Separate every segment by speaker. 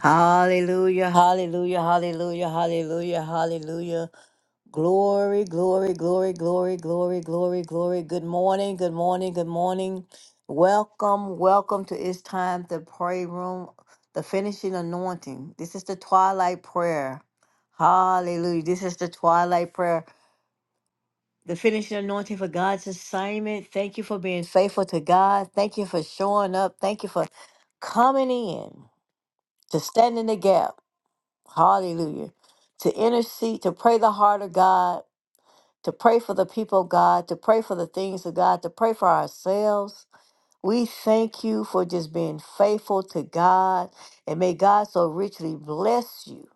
Speaker 1: Hallelujah, hallelujah, hallelujah, hallelujah, hallelujah. Glory, glory, glory, glory, glory, glory, glory. Good morning, good morning, good morning. Welcome, welcome to It's Time to Pray Room, the finishing anointing. This is the twilight prayer. Hallelujah. This is the twilight prayer. The finishing anointing for God's assignment. Thank you for being faithful to God. Thank you for showing up. Thank you for coming in. to stand in the gap. Hallelujah. To intercede, to pray the heart of God, to pray for the people of God, to pray for the things of God, to pray for ourselves. We thank you for just being faithful to God. And may God so richly bless you.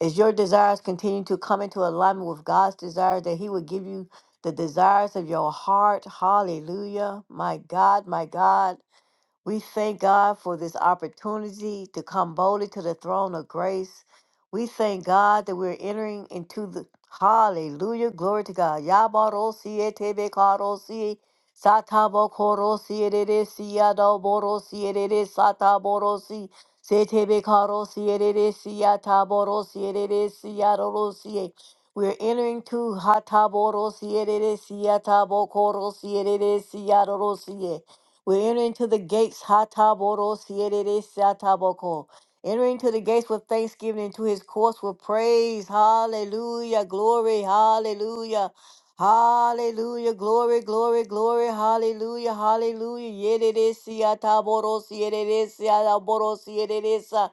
Speaker 1: As your desires continue to come into alignment with God's desires, that He will give you the desires of your heart. Hallelujah. My God, my God. We thank God for this opportunity to come boldly to the throne of grace. We thank God that we're entering into the hallelujah. Glory to God. Yabarosie tebekarosie, satabokorosie dedesi, yadoborosie dedes, sataborosi, setebekarosie dedesi, yataborosie dedesi, yadorosie. We're entering to hataborosie dedesi, yatabokorosie dedesi, yadorosie. We enter into the gates, Hataboro Sierere Sataboko. Enter into the gates with thanksgiving, into his courts with praise. Hallelujah. Glory. Hallelujah. Hallelujah. Glory, glory, glory. Hallelujah. Hallelujah. Yedere Siataboro Sierere Siataboro Sierere Sa.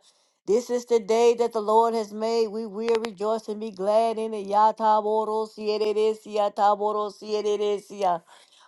Speaker 1: This is the day that the Lord has made. We will rejoice and be glad in it. Yataboro Sierere Siataboro Sierere sia.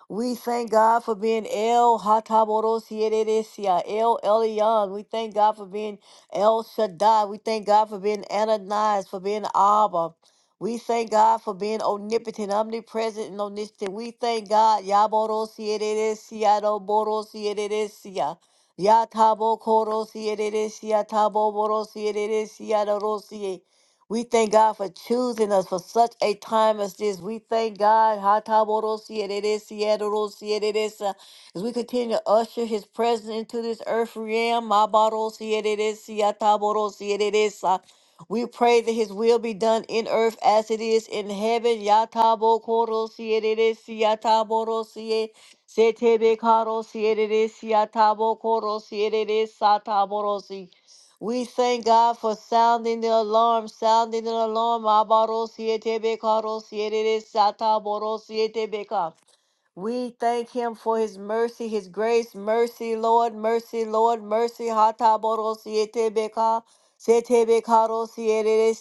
Speaker 1: We thank God for being El Hataborosieresia, El Elyon. We thank God for being El Shaddai. We thank God for being Ananias, for being Abba. We thank God for being omnipotent, omnipresent, and omniscient. We thank God. Yaborosieresia, Doborosieresia. Yatabo Korosieresia, Tabo Borosieresia, we thank God for choosing us for such a time as this. We thank God. Hatabodo-siededes-siededos-siededes, As we continue to usher his presence into this earth realm. Mabado-siededes-siatabodo-siededes. We pray that his will be done in earth as it is in heaven. Yatabodo-siededes-siatabodo-sie- Setebekado-siededes-siatabodo-siededes-satabodo-sie. We thank God for sounding the alarm, sounding the alarm. Abarosietebeka, we thank him for his mercy, his grace, mercy, Lord, mercy, Lord, mercy. Hataboro siete beka, sete bekaro siete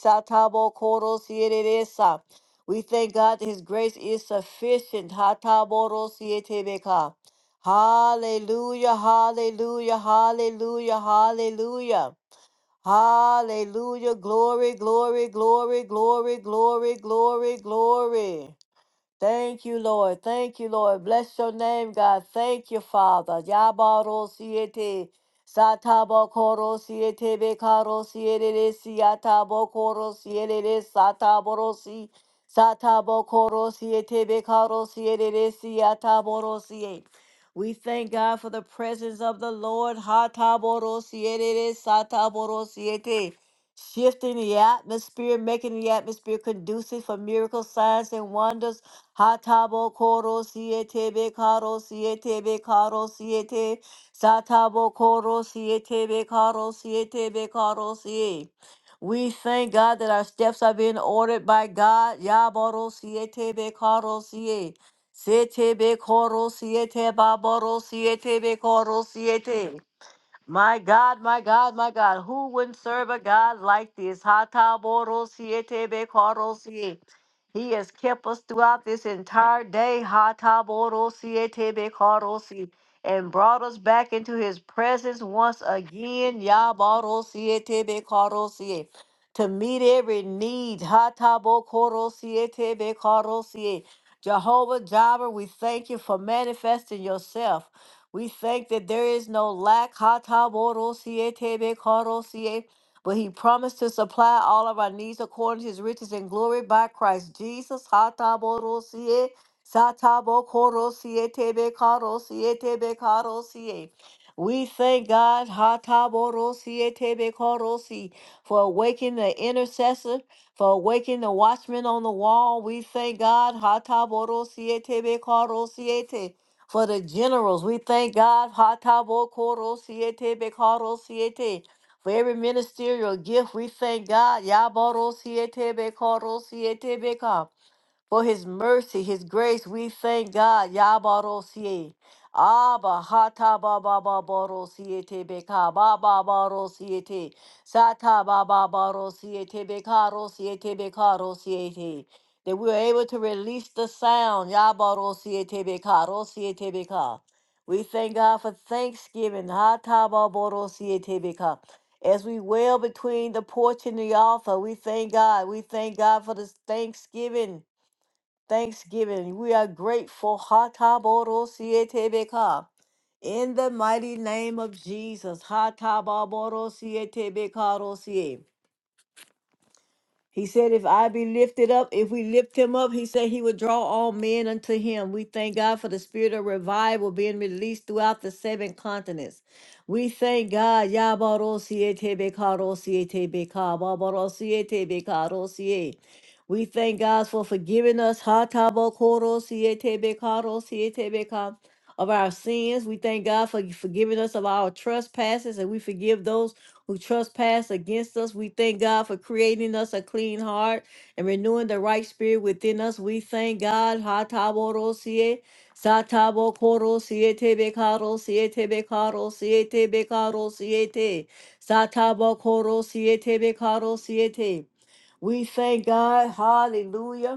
Speaker 1: sa. We thank God that his grace is sufficient. Hataboro siete Hallelujah, hallelujah, hallelujah, hallelujah. Hallelujah. Glory, glory, glory, glory, glory, glory, glory. Thank you, Lord. Thank you, Lord. Bless your name, God. Thank you, Father. Yabaro siete. Satabo koro siete bekaro siete siatabo koro siete sataboro si. Satabo koro siete bekaro siete siataboro siete. We thank God for the presence of the Lord. Hataboro siete sataboro siete shifting the atmosphere, making the atmosphere conducive for miracles, signs, and wonders. Hatabo koro siete be karo siete be karo siete. Satabo koro siete be karo siete be karo siete. We thank God that our steps are being ordered by God. Yaboro siete be karo siete. Siete be koro siete baboro siete be koro siete. My God, my God, my God, who wouldn't serve a God like this? Hataborosietebekorosie. He has kept us throughout this entire day, Hataborosietebekorosie, and brought us back into his presence once again, Yabarosietebekorosie, to meet every need. Hatabokorosietebekorosie. Jehovah Jireh, we thank you for manifesting yourself. We thank that there is no lack. Ha ta bo ro si e te be ka ro si e. But he promised to supply all of our needs according to his riches and glory by Christ Jesus. Ha ta bo ro si e. Sa ta bo ko ro si e te be ka ro si e te be ka ro si e. We thank God ha ta bo ro si e te be ka ro si, for awakening the intercessor, for awakening the watchman on the wall. We thank God. ha ta bo ro si e te be ka ro si e te for the generals. We thank God Hatabo Koro Siete Bekaro Siete. For every ministerial gift, we thank God. Yaboro Siete Bekoro Siete Beka for his mercy, his grace. We thank God. Yabarosie. Abba hata baba barosiete beka baba barosiete sata baba barosiete beka rosiete beka rosiete that we are able to release the sound yabarosiete beka rosiete beka we thank God for Thanksgiving hata barosiete beka as we wail between the porch and the altar we thank God we thank God for this Thanksgiving thanksgiving. We are grateful. Hataborosietebeka. In the mighty name of Jesus. Hataborosietebeka Rosie. He said, if I be lifted up, if we lift him up, he said he would draw all men unto him. We thank God for the spirit of revival being released throughout the seven continents. We thank God. Yabarosietebekarosietebeka, Babarosietebekarosie. We thank God for forgiving us Hatabokorosietebekarosietebeka, of our sins. We thank God for forgiving us of our trespasses, and we forgive those who trespass against us. We thank God for creating us a clean heart and renewing the right spirit within us. We thank God. Ha ta bo ro si e, sa ta bo ko si e te be ka ro si e te be ka ro si e te be ka ro si e te. Sa ta bo ko si e te be ka ro si e te. We thank God. Hallelujah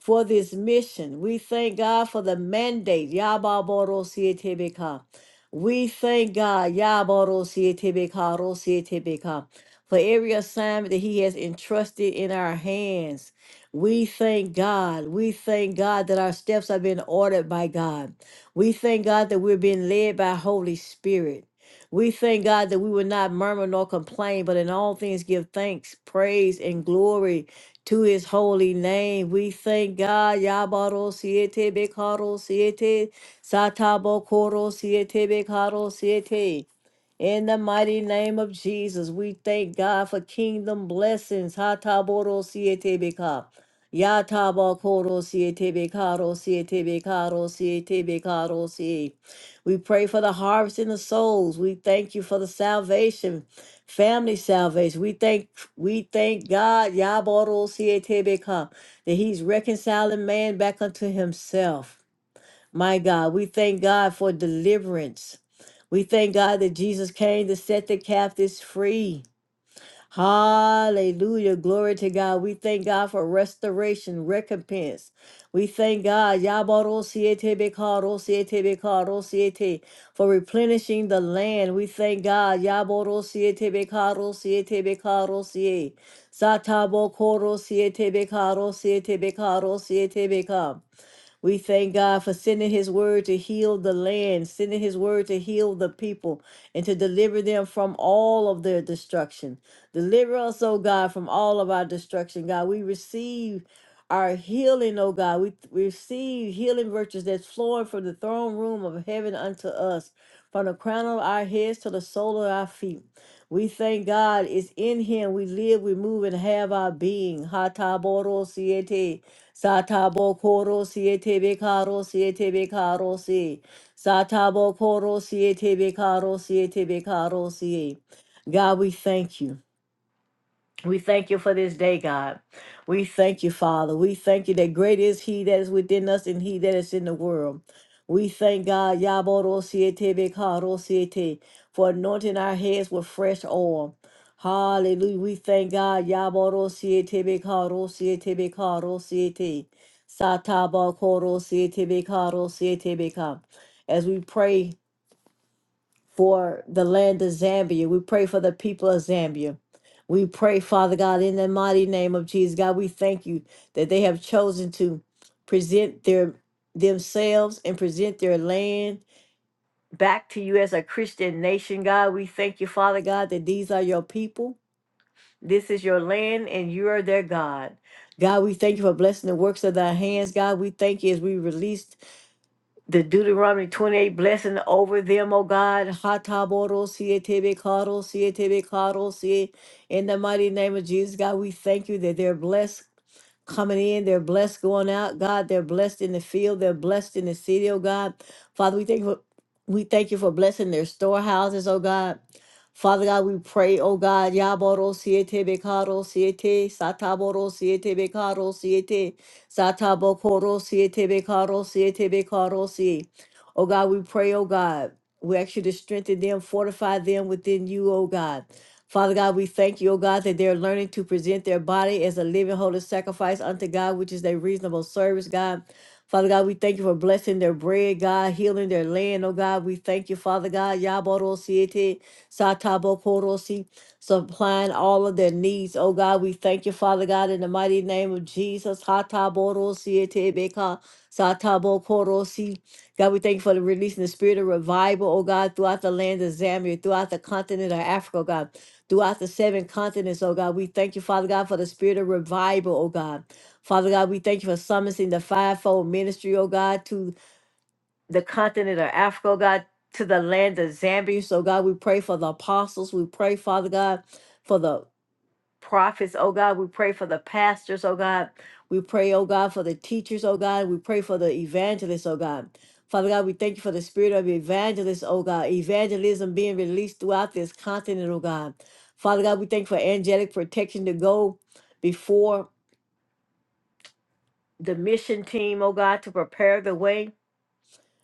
Speaker 1: for this mission. We thank God for the mandate. Yababarosietebeka. We thank God Yabarosietebeka, Rosietebeka, for every assignment that He has entrusted in our hands. We thank God. We thank God that our steps are being ordered by God. We thank God that we're being led by Holy Spirit. We thank God that we will not murmur nor complain, but in all things give thanks, praise, and glory to his holy name. We thank God. Yabaro siete bekaro siete satabo koro siete bekaro siete. In the mighty name of Jesus, we thank God for kingdom blessings. Hataboro siete beka. Yatabo koro siete bekaro siete bekaro siete bekaro siete. We pray for the harvest in the souls. We thank you for the salvation. Family salvation. We thank we thank God Yaboro Sietebeka that He's reconciling man back unto himself. My God, we thank God for deliverance. We thank God that Jesus came to set the captives free. Hallelujah. Glory to God. We thank God for restoration, recompense. We thank God Yabarosietebekaarosietebekaarosiete, for replenishing the land. We thank God Yaborosietebekaarosietebekaarosiet, Satabokorosietebekaarosietebekaarosietebeka. We thank God for sending his word to heal the land, sending his word to heal the people, and to deliver them from all of their destruction. Deliver us, oh God, from all of our destruction, God. We receive our healing, oh God. We th- receive healing virtues that's flowing from the throne room of heaven unto us, from the crown of our heads to the sole of our feet. We thank God it's in Him we live, we move, and have our being. Hata boro siete. Satabo koro siete bekaro siete bekaro si. Satabo koro siete bekaro siete bekaro si. God, we thank you. We thank you for this day, God. We thank you, Father. We thank you that great is He that is within us and He that is in the world. We thank God, Yaborosiete Bekarosiete, for anointing our heads with fresh oil. Hallelujah. We thank God, Yaborosiete Bekarosiete Bekarosiete, Satabakorosiete Bekarosiete Bekar. As we pray for the land of Zambia. We pray for the people of Zambia. We pray, Father God, in the mighty name of Jesus. God, we thank you that they have chosen to present their themselves and present their land back to you as a Christian nation, God. We thank you, Father God, that these are your people. This is your land and you are their God. God, we thank you for blessing the works of thy hands. God, we thank you as we release the Deuteronomy 28 blessing over them, O God. Hataboro sietebe karo sietebe karo sie. In the mighty name of Jesus, God, we thank you that they're blessed coming in. They're blessed going out, God. They're blessed in the field. They're blessed in the city, oh God. Father, we thank you for, we thank you for blessing their storehouses, oh God. Father God, we pray, oh God, Yaboro siete bekaro siete, Sataboro siete bekaro siete. Satabo korosie tebe karosie tebe karosie. Oh God, we pray, oh God. We ask you to strengthen them, fortify them within you, oh God. Father God, we thank you, O God, that they're learning to present their body as a living, holy sacrifice unto God, which is their reasonable service, God. Father God, we thank you for blessing their bread, God, healing their land, oh God. We thank you, Father God. Yaboro siete, satabo supplying all of their needs. Oh God, we thank you, Father God, in the mighty name of Jesus. Hatabodosietebeka, satabokorosi. God, we thank you for the releasing the spirit of revival, oh God, throughout the land of Zambia, throughout the continent of Africa, oh God, throughout the seven continents, oh God. We thank you, Father God, for the spirit of revival, oh God. Father God, we thank you for summoning the fivefold ministry, oh God, to the continent of Africa, oh God, to the land of Zambia. So, God, we pray for the apostles. We pray, Father God, for the prophets, oh God. We pray for the pastors, oh God. We pray, oh God, for the teachers, oh God. We pray for the evangelists, oh God. Father God, we thank you for the spirit of evangelists, oh God. Evangelism being released throughout this continent, oh God. Father God, we thank you for angelic protection to go before the mission team, oh God, to prepare the way.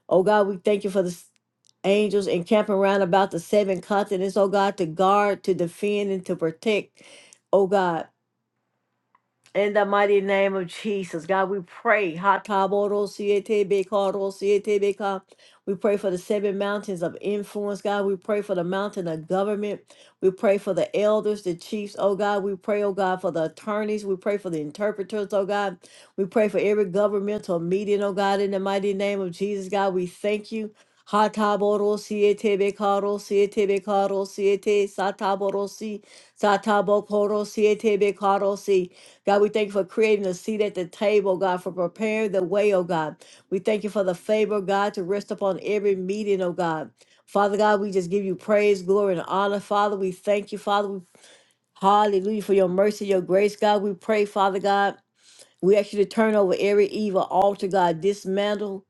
Speaker 1: Oh God, we thank you for the s- angels encamping around about the seven continents, oh God, to guard, to defend, and to protect, oh God. In the mighty name of Jesus, God, we pray. Hatabodosietebeka. We pray for the seven mountains of influence, God. We pray for the mountain of government. We pray for the elders, the chiefs, oh God. We pray, oh God, for the attorneys. We pray for the interpreters, oh God. We pray for every governmental meeting, oh God, in the mighty name of Jesus, God. We thank you. Hatabodosietebeka, Sataborosi, Satabokoro, God, we thank you for creating a seat at the table, God, for preparing the way, oh God. We thank you for the favor, God, to rest upon every meeting, oh God. Father God, we just give you praise, glory, and honor. Father, we thank you, Father. We, hallelujah, for your mercy, your grace, God. We pray, Father God. We ask you to turn over every evil altar, God. Dismantle.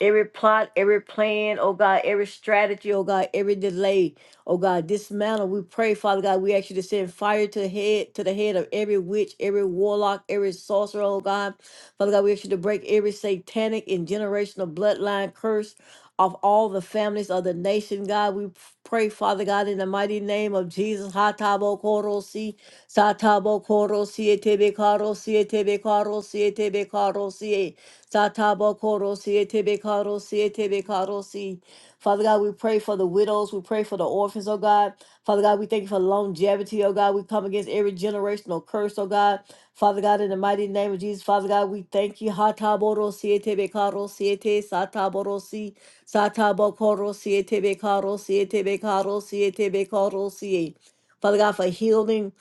Speaker 1: every plot, every plan, oh God, every strategy, oh God, every delay, oh God, dismantle. We pray, Father God, we ask you to send fire to the head, to the head of every witch, every warlock, every sorcerer, oh God. Father God, we ask you to break every satanic and generational bloodline curse of all the families of the nation, God. We pray, Father God, in the mighty name of Jesus. Hatabo korosi, satabo korosi, etebe karosi, etebe karosi, etebe karosi. Satabokorosi etebekarosi etebekarosi. Father God, we pray for the widows. We pray for the orphans, oh God. Father God, we thank you for longevity, oh God. We come against every generational curse, oh God. Father God, in the mighty name of Jesus, Father God, we thank you. Hataborosi etebekarosi ete sataborosi satabokorosi etebekarosi etebekarosi etebekarosi. Father God, for healing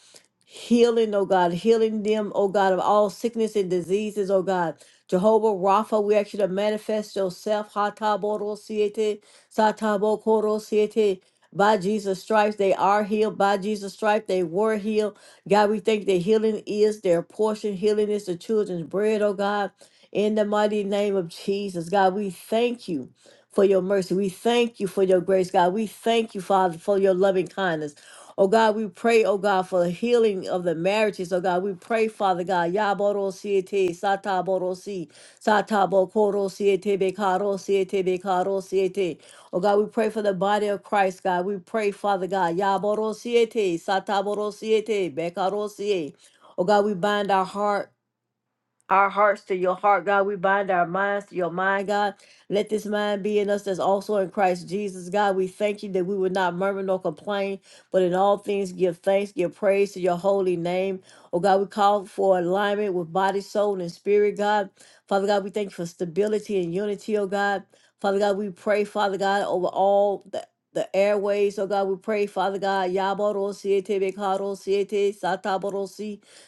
Speaker 1: healing, oh God, healing them, oh God, of all sickness and diseases, oh God. Jehovah Rapha, we ask you to manifest yourself. Hataboro siete, satabo koro siete. By Jesus' stripes, they are healed. By Jesus' stripes, they were healed. God, we thank that healing is their portion. Healing is the children's bread, oh God. In the mighty name of Jesus, God, we thank you for your mercy. We thank you for your grace, God. We thank you, Father, for your loving kindness. Oh God, we pray, oh God, for the healing of the marriages. Oh God, we pray, Father God. Yaboro siete, sata boro si, sata bokoro siete, bekaro siete, bekaro siete. Oh God, we pray for the body of Christ, God. We pray, Father God. Yaboro siete, sata boro siete, bekaro siete. Oh God, we bind our heart our hearts to your heart, God. We bind our minds to your mind, God. Let this mind be in us that's also in Christ Jesus, God. We thank you that we would not murmur nor complain, but in all things give thanks, give praise to your holy name. Oh, God, we call for alignment with body, soul, and spirit, God. Father God, we thank you for stability and unity, oh God. Father God, we pray, Father God, over all the the airways, oh God, we pray, Father God, Yaboro Siete Bekaro Siete Sataboro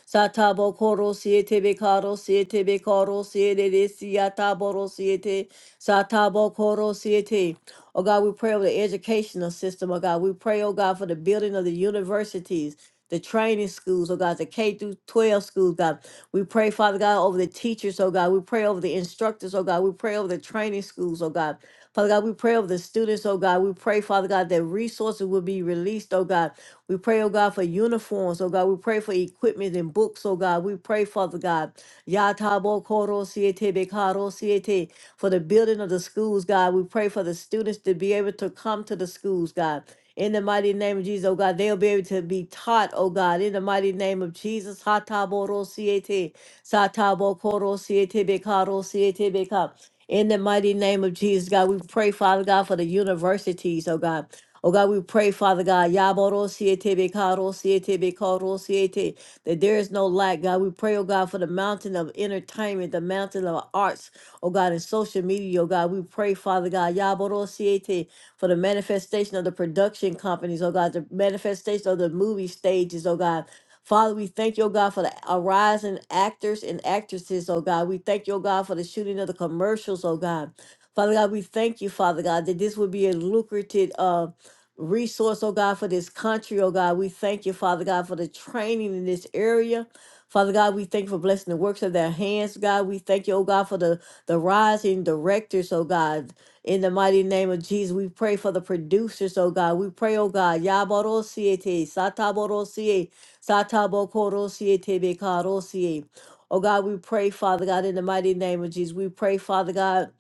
Speaker 1: Satabo koro siete bekaro siete bekaro siete de siata boro siete. Satabo koro siete. Oh God, we pray over the educational system. Oh God, we pray, oh God, for the building of the universities, the training schools, oh God, the K through 12 schools, God. We pray, Father God, over the teachers, oh God. We pray over the instructors, oh God. We pray over the training schools, oh God. Father God, we pray over the students, oh God. We pray, Father God, that resources will be released, oh God. We pray, oh God, for uniforms, oh God. We pray for equipment and books, oh God. We pray, Father God, Yatabo Koro Siete Bekaro Siete, for the building of the schools, God. We pray for the students to be able to come to the schools, God. In the mighty name of Jesus, oh God, they'll be able to be taught, oh God, in the mighty name of Jesus. Hatabo Ro Siete, Satabo Koro Siete Bekaro Siete Beka. In the mighty name of Jesus, God, we pray, Father God, for the universities, oh God. Oh God, we pray, Father God, Yaboro Siete Bekaro Siete Bekaro Siete, that there is no lack, God. We pray, oh God, for the mountain of entertainment, the mountain of arts, oh God, and social media, oh God. We pray, Father God, Yaboro Siete, for the manifestation of the production companies, oh God, the manifestation of the movie stages, oh God. Father, we thank you, oh God, for the arising actors and actresses, oh God. We thank you, oh God, for the shooting of the commercials, oh God. Father God, we thank you, Father God, that this would be a lucrative uh, resource, oh God, for this country, oh God. We thank you, Father God, for the training in this area. Father God, we thank you for blessing the works of their hands, God. We thank you, oh God, for the, the rising directors, oh God. In the mighty name of Jesus, we pray for the producers, oh God. We pray, oh God, Yaboro Siete, Satabokorosie tebekarosie. Oh God, we pray, Father God, in the mighty name of Jesus. We pray, Father God,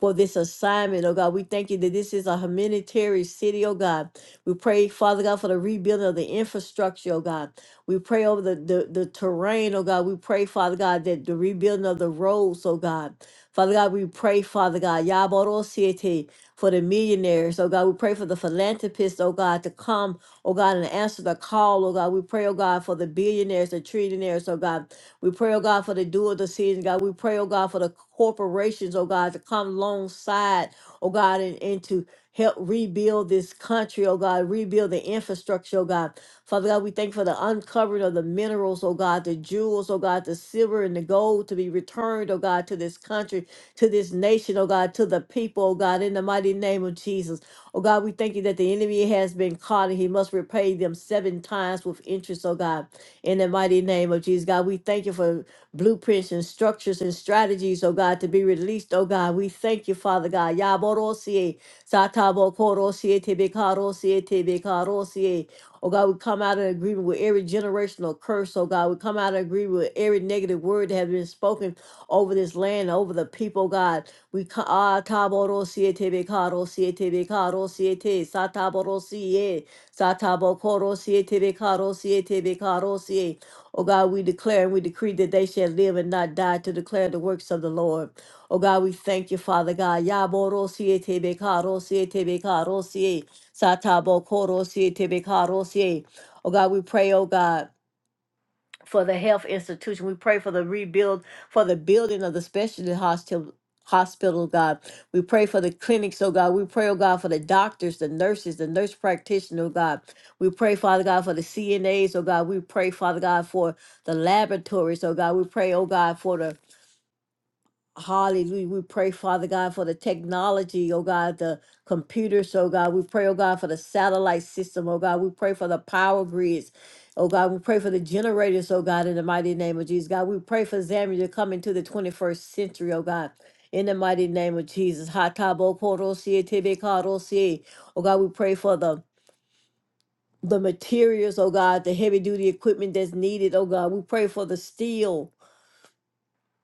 Speaker 1: for this assignment. Oh God, we thank you that this is a humanitarian city, oh God. We pray, Father God, for the rebuilding of the infrastructure, oh God. We pray over the, the, the terrain, oh God. We pray, Father God, that the rebuilding of the roads, oh God. Father God, we pray, Father God, Yaborosiete, for the millionaires, oh God. We pray for the philanthropists, oh God, to come oh God, and answer the call, oh God. We pray, oh God, for the billionaires, the trillionaires, oh God. We pray, oh God, for the dual decision, God. We pray, oh God, for the corporations, oh God, to come alongside, oh God, and, and to help rebuild this country, oh God, rebuild the infrastructure, oh God. Father God, we thank you for the uncovering of the minerals, oh God, the jewels, oh God, the silver and the gold to be returned, oh God, to this country, to this nation, oh God, to the people, oh God, in the mighty name of Jesus. Oh God, we thank you that the enemy has been caught and he must repay them seven times with interest, oh God. In the mighty name of Jesus, God, we thank you for blueprints and structures and strategies, oh God, to be released, oh God. We thank you, Father God. Yaborosie, satabokorosie, tebekarosie, tebekarosie. Oh God, we come out of agreement with every generational curse. Oh God, we come out of agreement with every negative word that has been spoken over this land, over the people, oh, God. We ka ah, taboro siete be caro siete be caro siete sataboro siete satabo coro Oh God, we declare and we decree that they shall live and not die to declare the works of the Lord. Oh God, we thank you, Father God. Yaboro siete be caro siete be caro siete satabo coro Oh God, we pray, oh God for the health institution. We pray for the rebuild, for the building of the specialty hospital. Hospital, God. We pray for the clinics, oh God. We pray, oh God, for the doctors, the nurses, the nurse practitioner, oh God. We pray, Father God, for the CNAs, oh God. We pray, Father God, for the laboratories, oh God. We pray, oh God, for the Hallelujah. We pray, Father God, for the technology, oh God, the computers, oh God. We pray, oh God, for the satellite system, oh God. We pray for the power grids, oh God. We pray for the generators, oh God, in the mighty name of Jesus. God, we pray for Zambia to come into the 21st century, oh God. In the mighty name of Jesus. Hatabo korosie, tebekarosie. Oh God, we pray for the the materials, oh God, the heavy duty equipment that's needed, oh God. We pray for the steel.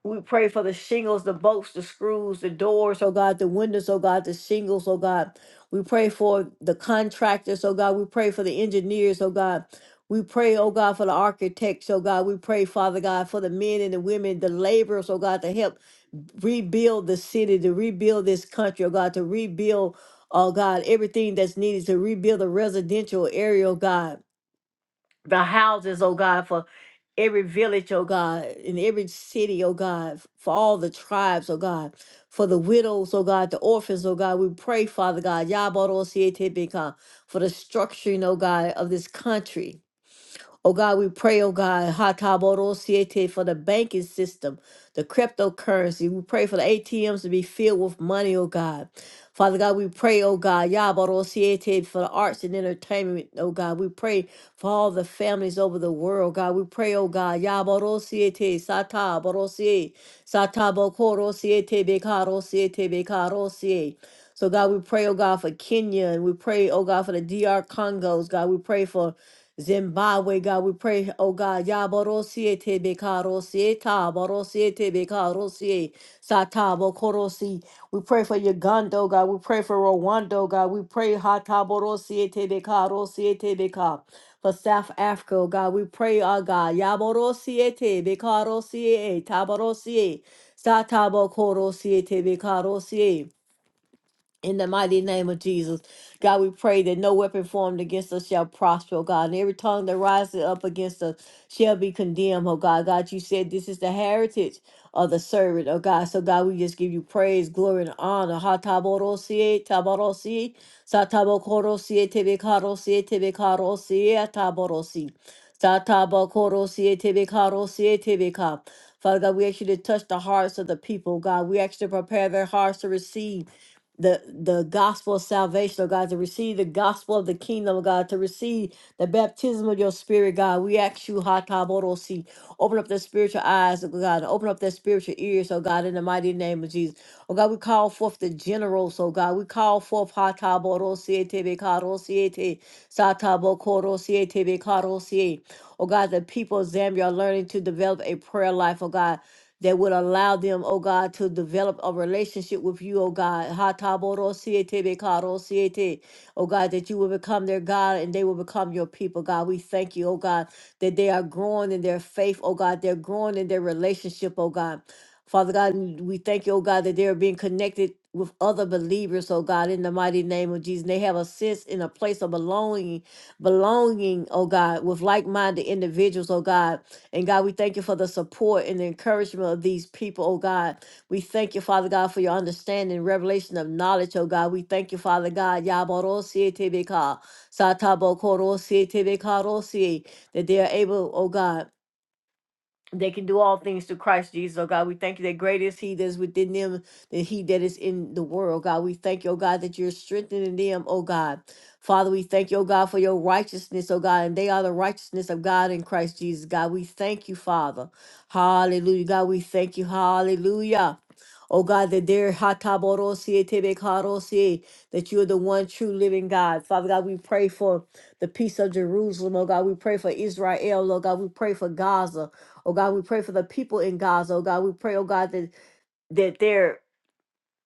Speaker 1: We pray for the shingles, the bolts, the screws, the doors, oh God, the windows, oh God, the shingles, oh God. We pray for the contractors, oh God. We pray for the engineers, oh God. We pray, oh God, for the architects, oh God. We pray, Father God, for the men and the women, the laborers, oh God, to help rebuild the city, to rebuild this country, oh God, to rebuild, oh God, everything that's needed to rebuild the residential area, oh God the houses, oh God, for every village, oh God, in every city, oh God, for all the tribes, oh God, for the widows, oh God, the orphans, oh God. We pray, Father God, Yaboro Sietebeka, for the structuring, oh God, of this country. Oh God, we pray, oh God, Hatabodosiete for the banking system, the cryptocurrency. We pray for the ATMs to be filled with money, oh God. Father God, we pray, oh God, Yabodosiete for the arts and entertainment, oh God. We pray for all the families over the world, God. We pray, oh God, Yabodosiete, Sata Borosie, Sata Bokorosiete, Bekarosiete, Bekarosie. So God, we pray, oh God, for Kenya, and we pray, oh God, for the DR Congos, God. We pray for Zimbabwe, God, we pray, oh God, Yabarosie Tebekarosie, Tabarosie Tebekarosie, Satabo Korosi. We pray for Uganda, oh God, we pray for Rwanda, oh God, we pray Hatabarosie Tebekarosie Tebeka. For South Africa, oh God, we pray, oh God, Yabarosie Tebekarosie, Tabarosie, Satabo Korosie Tebekarosie. In the mighty name of Jesus, God, we pray that no weapon formed against us shall prosper, oh God, and every tongue that rises up against us shall be condemned, oh God. God, you said this is the heritage of the servant, oh God. So, God, we just give you praise, glory, and honor. Ha taborosie, taborosie, satabokorosie, tebekarosie, tebekarosie, taborosie. Satabokorosie, tebekarosie, tebeka. Father God, we ask you to touch the hearts of the people, God. We ask you to prepare their hearts to receive the the gospel of salvation, oh God, to receive the gospel of the kingdom, oh God, to receive the baptism of your spirit, God. We ask you, Hataborosi, open up their spiritual eyes, oh God, and open up their spiritual ears, oh God, in the mighty name of Jesus. Oh God, we call forth the generals, oh God. We call forth Hataborosi, Tebekarosi, Satabokorosi, Tebekarosi. Oh God, the people of Zambia are learning to develop a prayer life, oh God that would allow them, oh God, to develop a relationship with you, oh God. Ha ta bo ro si e te be ka ro si e te. Oh God, that you will become their God and they will become your people, God. We thank you, oh God, that they are growing in their faith, oh God. They're growing in their relationship, oh God. Father God, and we thank you, oh God, that they're being connected with other believers, oh God, in the mighty name of Jesus. They have a sense in a place of belonging, belonging, oh God, with like-minded individuals, oh God. And God, we thank you for the support and the encouragement of these people, oh God. We thank you, Father God, for your understanding, revelation of knowledge, oh God. We thank you, Father God, Yabarosietebeka, Satabokorosie, that they are able, oh God they can do all things through Christ Jesus, oh God. We thank you that great is He that is within them than He that is in the world, God. We thank you, oh God, that you're strengthening them, oh God. Father, we thank you, oh God, for your righteousness, oh God, and they are the righteousness of God in Christ Jesus, God. We thank you, Father. Hallelujah, God. We thank you, hallelujah. Oh God, that there Hataboros, Tebekaros, that you are the one true living God. Father God, we pray for the peace of Jerusalem, oh God. We pray for Israel, oh God. We pray for Gaza. Oh God, we pray for the people in Gaza. Oh God, we pray, oh God, that that they're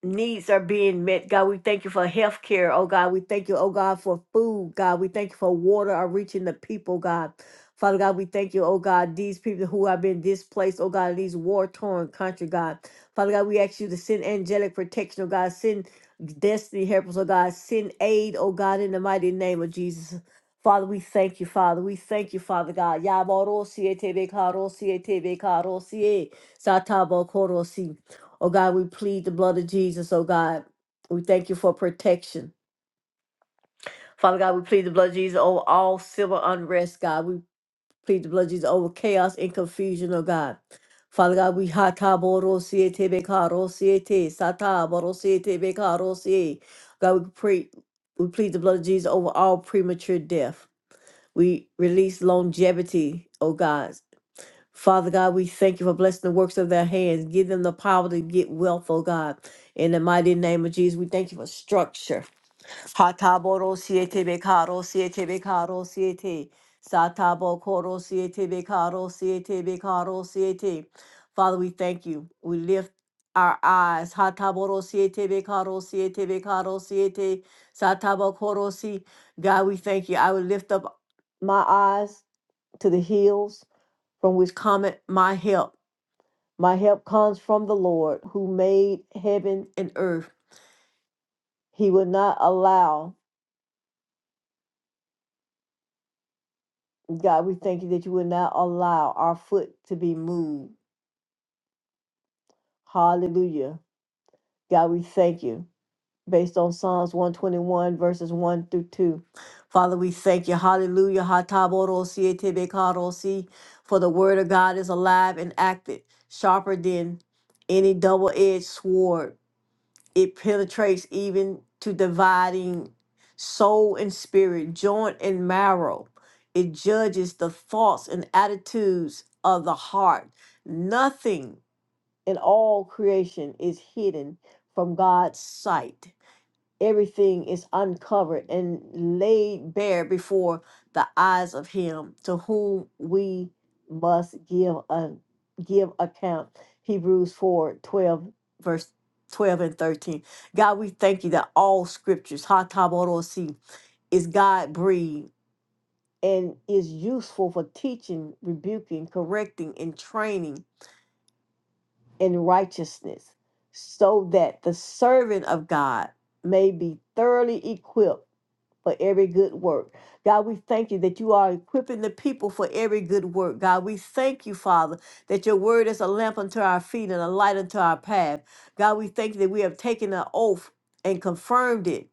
Speaker 1: needs are being met. God, we thank you for health care. Oh God, we thank you, oh God, for food. God, we thank you for water are reaching the people, God. Father God, we thank you, oh God, these people who have been displaced, oh God, in these war torn country, God. Father God, we ask you to send angelic protection, oh God, send destiny helpers, oh God, send aid, oh God, in the mighty name of Jesus. Father, we thank you, Father. We thank you, Father God. Yaboro siete be karo siete be karo siete Oh God, we plead the blood of Jesus, oh God. We thank you for protection. Father God, we plead the blood of Jesus over all civil unrest, God. We plead the blood of Jesus over chaos and confusion, oh God. Father God, we hata boro siete bekaro siete sata boro siete bekaro siete. God, we pray, we plead the blood of Jesus over all premature death. We release longevity, oh God. Father God, we thank you for blessing the works of their hands. Give them the power to get wealth, oh God. In the mighty name of Jesus, we thank you for structure. Hataboro siete bekaro siete bekaro siete. Satabo koro siete bekaro siete bekaro siete. Father, we thank you. We lift our eyes. Hataboro siete bekaro siete bekaro siete. Satabo koro si. God, we thank you. I will lift up my eyes to the hills from which cometh my help. My help comes from the Lord who made heaven and earth. He will not allow, God, we thank you that you will not allow our foot to be moved. Hallelujah. God, we thank you. Based on Psalms 121, verses 1 through 2. Father, we thank you. Hallelujah. Hataborosi etebekarosi. For the word of God is alive and active, sharper than any double edged sword it penetrates even to dividing soul and spirit, joint and marrow. It judges the thoughts and attitudes of the heart. Nothing in all creation is hidden from God's sight everything is uncovered and laid bare before the eyes of him to whom we must give a give account hebrews 4 12 verse 12 and 13 god we thank you that all scriptures hataborosi is god breathed and is useful for teaching rebuking correcting and training in righteousness so that the servant of god may be thoroughly equipped for every good work. God, we thank you that you are equipping the people for every good work. God, we thank you, Father, that your word is a lamp unto our feet and a light unto our path. God, we thank you that we have taken an oath and confirmed it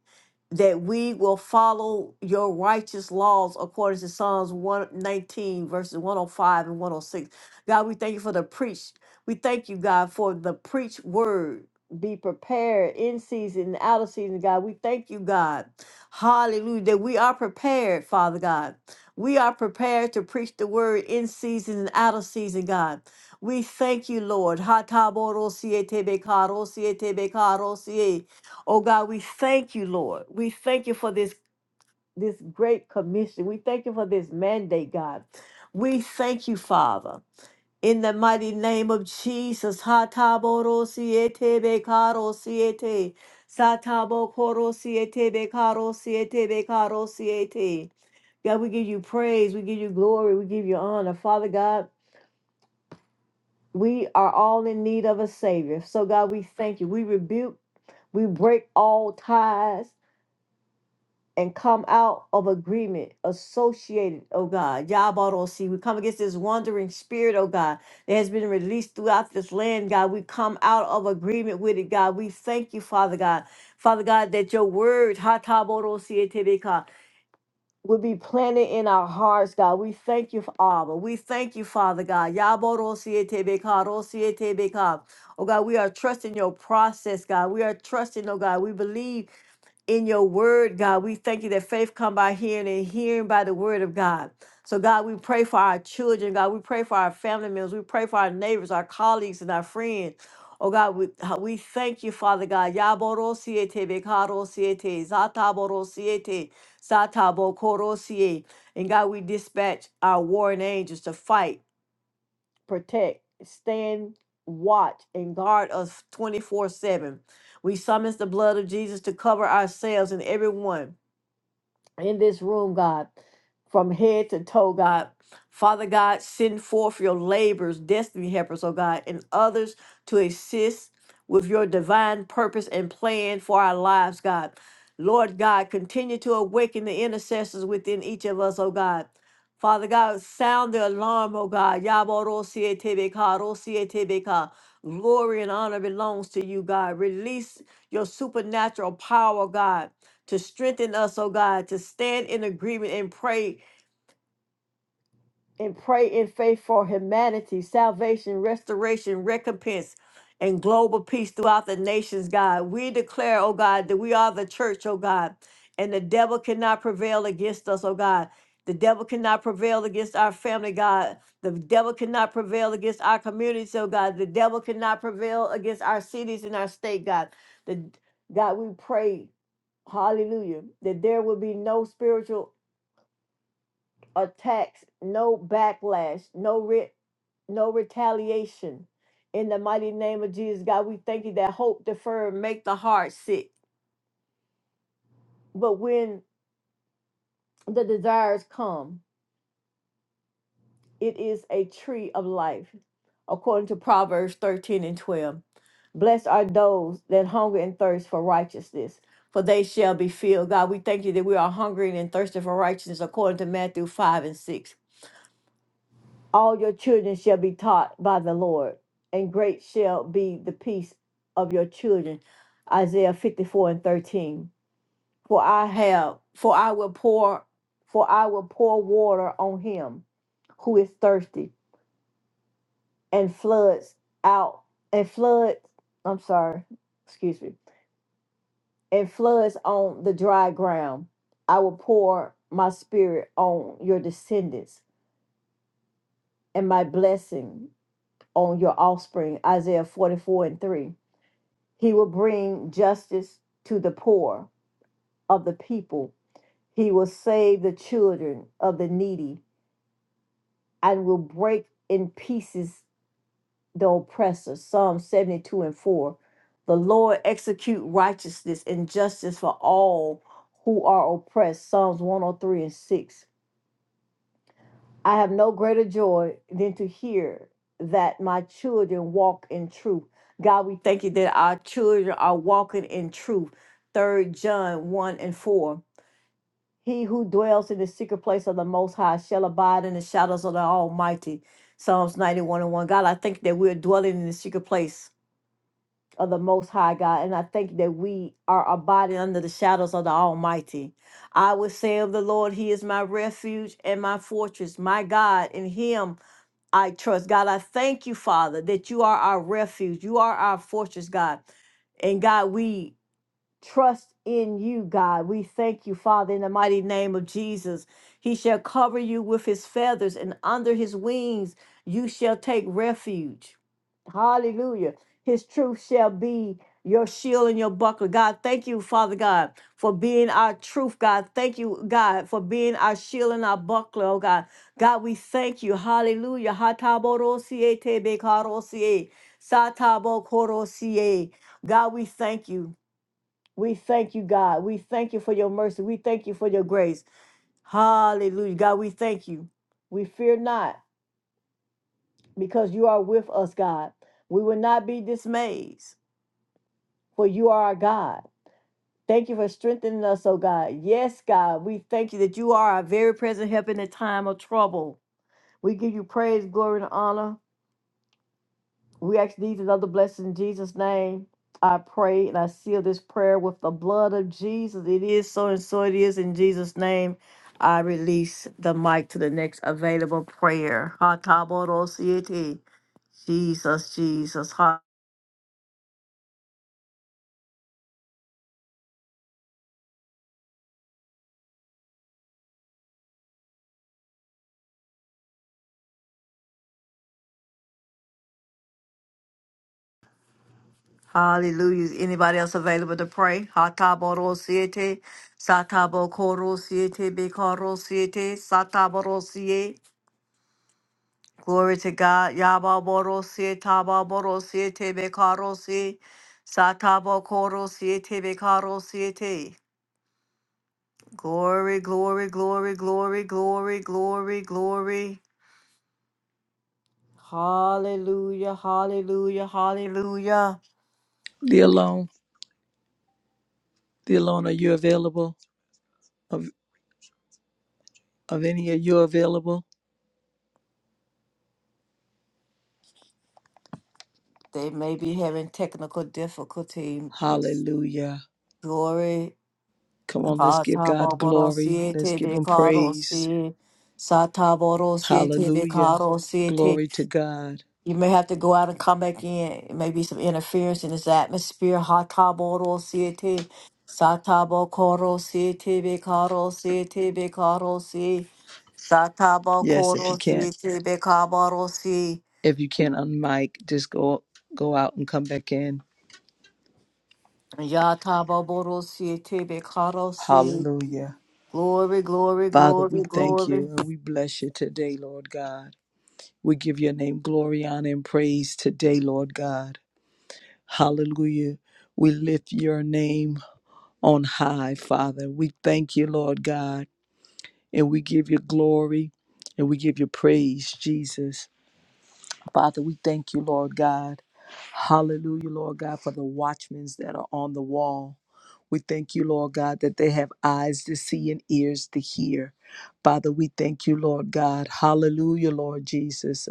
Speaker 1: that we will follow your righteous laws according to Psalms 119, verses 105 and 106. God, we thank you for the preach. We thank you, God, for the preach word. Be prepared in season and out of season, God. We thank you, God Hallelujah. That we are prepared, Father God. We are prepared to preach the word in season and out of season, God. We thank you, Lord. Ha ta bo ro si e te be ka ro si e te be ka ro si e. Oh God, we thank you, Lord. We thank you for this this great commission. We thank you for this mandate, God. We thank you, Father. In the mighty name of Jesus, Hataboro siete bekaro siete, Satabo koro siete bekaro siete bekaro siete. God, we give you praise, we give you glory, we give you honor. Father God, we are all in need of a Savior. So, God, we thank you. We rebuke, we break all ties. and come out of agreement associated, oh God. Yabarosi, we come against this wandering spirit, oh God, that has been released throughout this land, God. We come out of agreement with it, God. We thank you, Father God. Father God, that your word, Hatabarosi etebeka, will be planted in our hearts, God. We thank you, Abba. We thank you, Father God. Yabarosi etebeka, rosi etebeka. Oh God, we are trusting your process, God. We are trusting, oh God. We believe in your word, God. We thank you that faith come by hearing and hearing by the word of God. So God, we pray for our children, God. We pray for our family members. We pray for our neighbors, our colleagues, and our friends. Oh God, we, uh, we thank you, Father God. Yaborosiete, bekarosiete, zataborosiete, satabokorosie. And God, we dispatch our warring angels to fight protect, stand, watch, and guard us 24 7. We summons the blood of Jesus to cover ourselves and everyone in this room, God, from head to toe, God. Father God, send forth your labors, destiny helpers, oh God, and others to assist with your divine purpose and plan for our lives, God. Lord God, continue to awaken the intercessors within each of us, oh God. Father God, sound the alarm, oh God. Yabarosietebeka, rosietebeka. Glory and honor belongs to you, God. Release your supernatural power, God to strengthen us, oh God, to stand in agreement and pray and pray in faith for humanity, salvation, restoration, recompense, and global peace throughout the nations, God. We declare, oh God, that we are the church, oh God, and the devil cannot prevail against us, oh God. The devil cannot prevail against our family, God. The devil cannot prevail against our communities, oh God. The devil cannot prevail against our cities and our state, God. The God, we pray hallelujah, that there will be no spiritual attacks, no backlash, no re- no retaliation. In the mighty name of Jesus, God, we thank you that hope deferred make the heart sick. But when the desires come, it is a tree of life, according to Proverbs 13 and 12. Blessed are those that hunger and thirst for righteousness, for they shall be filled. God, we thank you that we are hungering and thirsting for righteousness, according to Matthew 5 and 6. All your children shall be taught by the Lord, and great shall be the peace of your children. Isaiah 54 and 13. For I have, for I will pour, for I will pour water on him who is thirsty, and floods out, and floods, I'm sorry, excuse me, and floods on the dry ground. I will pour my spirit on your descendants, and my blessing on your offspring. Isaiah 44 and 3. He will bring justice to the poor of the people. He will save the children of the needy and will break in pieces the oppressor. Psalm 72 and 4. The Lord execute righteousness and justice for all who are oppressed. Psalms 103 and 6. I have no greater joy than to hear that my children walk in truth. God, we thank you that our children are walking in truth. Third John 1 and 4. He who dwells in the secret place of the Most High shall abide in the shadows of the Almighty. Psalms 91 and 1. God, I think that we're dwelling in the secret place of the Most High, God, and I think that we are abiding under the shadows of the Almighty. I will say of the Lord, He is my refuge and my fortress, my God, in Him I trust. God, I thank you, Father, that you are our refuge. You are our fortress, God. And God, we trust in you, God. We thank you, Father, in the mighty name of Jesus. He shall cover you with his feathers, and under his wings you shall take refuge. Hallelujah. His truth shall be your shield and your buckler. God, thank you, Father God, for being our truth, God. Thank you, God, for being our shield and our buckler, oh God. God, we thank you. Hallelujah. Hatabodosie tebekarosie, satabokorosie. God, we thank you. We thank you, God. We thank you for your mercy. We thank you for your grace. Hallelujah. God, we thank you. We fear not because you are with us, God. We will not be dismayed for you are our God. Thank you for strengthening us, oh God. Yes, God, we thank you that you are our very present help in the time of trouble. We give you praise, glory, and honor. We ask these and other blessings in Jesus' name. I pray and I seal this prayer with the blood of Jesus. It is so and so it is in Jesus' name. I release the mic to the next available prayer. Ha ta bo ro si e te. Jesus, Jesus. Ha- Hallelujah. Is anybody else available to pray? Hataboro siete, satabo koro siete, bekoro siete, sataboro siete. Glory to God. Yababoro siete, tababoro siete, bekaro siete, satabo koro siete, bekaro siete. Glory, glory, glory, glory, glory, glory, glory. Hallelujah, hallelujah, hallelujah.
Speaker 2: The alone, the alone, are you available? Of, of any of you available?
Speaker 1: They may be having technical difficulty. It's
Speaker 2: Hallelujah.
Speaker 1: glory.
Speaker 2: Come on, let's give
Speaker 1: Sata
Speaker 2: God glory.
Speaker 1: borosie
Speaker 2: Let's
Speaker 1: te
Speaker 2: give him praise.
Speaker 1: bekarosie. Sata borosie te
Speaker 2: Hallelujah.
Speaker 1: bekarosie te.
Speaker 2: Glory to God.
Speaker 1: You may have to go out and come back in. It may be some interference in this atmosphere. Hata borosie te. Sata bokorosie te bekarosie te bekarosie. Sata
Speaker 2: Yes, if you
Speaker 1: bokorosie
Speaker 2: can't,
Speaker 1: te bekabarosie.
Speaker 2: if you can't unmic, just go go out and come back in.
Speaker 1: Yata borosie te bekarosie.
Speaker 2: Hallelujah.
Speaker 1: Glory, glory,
Speaker 2: Father, we
Speaker 1: glory,
Speaker 2: thank
Speaker 1: glory.
Speaker 2: you and we bless you today, Lord God. We give your name glory, honor, and praise today, Lord God. Hallelujah. We lift your name on high, Father. We thank you, Lord God, and we give you glory and we give you praise, Jesus. Father, we thank you, Lord God. Hallelujah, Lord God, for the watchmen that are on the wall. We thank you, Lord God, that they have eyes to see and ears to hear. Father, we thank you, Lord God. Hallelujah, Lord Jesus.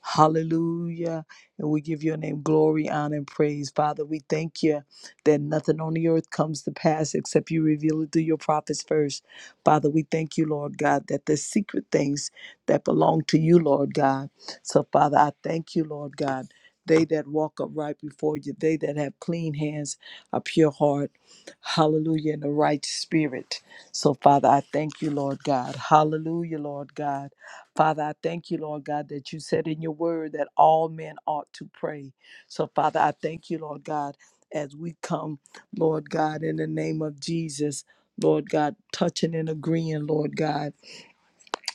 Speaker 2: Hallelujah. And we give your name glory, honor, and praise. Father, we thank you that nothing on the earth comes to pass except you reveal it through your prophets first. Father, we thank you, Lord God, that the secret things that belong to you, Lord God. So, Father, I thank you, Lord God. They that walk upright before you, they that have clean hands, a pure heart, hallelujah, and a right spirit. So, Father, I thank you, Lord God. Hallelujah, Lord God. Father, I thank you, Lord God, that you said in your word that all men ought to pray. So, Father, I thank you, Lord God, as we come, Lord God, in the name of Jesus, Lord God, touching and agreeing, Lord God.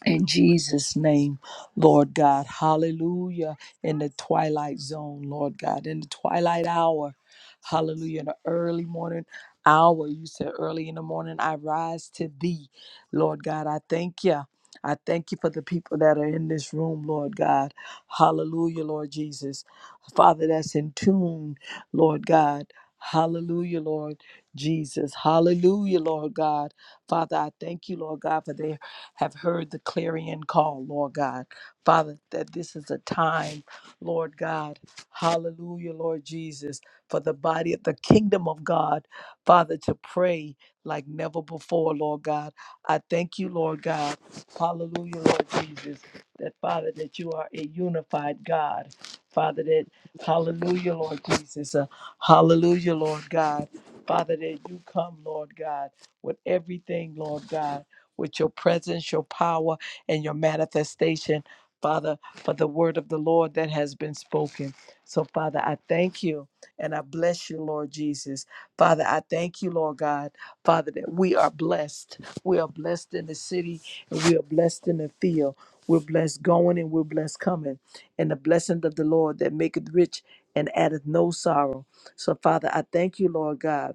Speaker 2: In Jesus' name, Lord God, hallelujah. In the twilight zone, Lord God, in the twilight hour, hallelujah. In the early morning hour, you said early in the morning, I rise to thee, Lord God. I thank you. I thank you for the people that are in this room, Lord God. Hallelujah, Lord Jesus. Father, that's in tune, Lord God. Hallelujah, Lord Jesus. Hallelujah, Lord God. Father, I thank you, Lord God, for their have heard the clarion call, Lord God. Father, that this is a time, Lord God, hallelujah, Lord Jesus, for the body of the kingdom of God, Father, to pray like never before, Lord God. I thank you, Lord God, hallelujah, Lord Jesus, that Father, that you are a unified God, Father, that hallelujah, Lord Jesus, uh, hallelujah, Lord God, Father, that you come, Lord God, with everything, Lord God with your presence, your power, and your manifestation, Father, for the word of the Lord that has been spoken. So, Father, I thank you and I bless you, Lord Jesus. Father, I thank you, Lord God, Father, that we are blessed. We are blessed in the city and we are blessed in the field. We're blessed going and we're blessed coming. And the blessing of the Lord that maketh rich and addeth no sorrow. So, Father, I thank you, Lord God.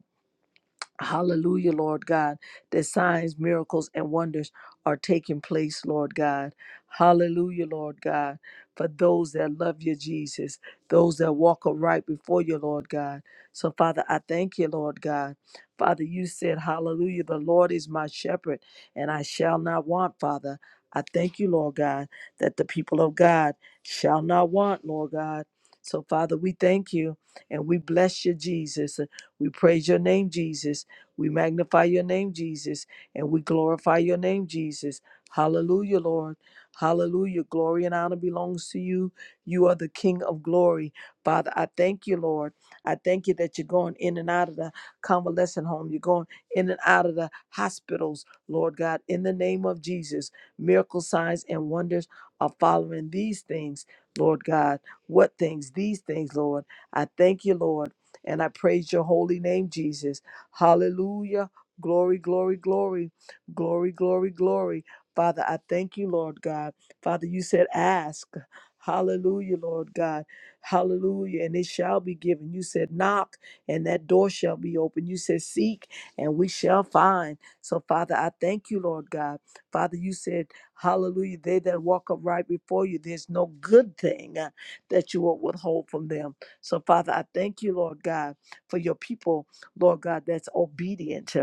Speaker 2: Hallelujah, Lord God, that signs, miracles, and wonders are taking place, Lord God. Hallelujah, Lord God, for those that love you, Jesus, those that walk right before you, Lord God. So, Father, I thank you, Lord God. Father, you said, Hallelujah, the Lord is my shepherd, and I shall not want, Father. I thank you, Lord God, that the people of God shall not want, Lord God. So, Father, we thank you and we bless you, Jesus. We praise your name, Jesus. We magnify your name, Jesus, and we glorify your name, Jesus. Hallelujah, Lord. Hallelujah. Glory and honor belongs to you. You are the King of glory. Father, I thank you, Lord. I thank you that you're going in and out of the convalescent home. You're going in and out of the hospitals, Lord God, in the name of Jesus. Miracle signs and wonders are following these things, Lord God. What things? These things, Lord. I thank you, Lord, and I praise your holy name, Jesus. Hallelujah. Glory, glory, glory, glory, glory, glory. Father, I thank you, Lord God. Father, you said, ask. Hallelujah, Lord God. Hallelujah. And it shall be given. You said, knock, and that door shall be open. You said, seek, and we shall find. So, Father, I thank you, Lord God. Father, you said, hallelujah, they that walk upright before you, there's no good thing uh, that you will withhold from them. So, Father, I thank you, Lord God, for your people Lord God, that's obedient.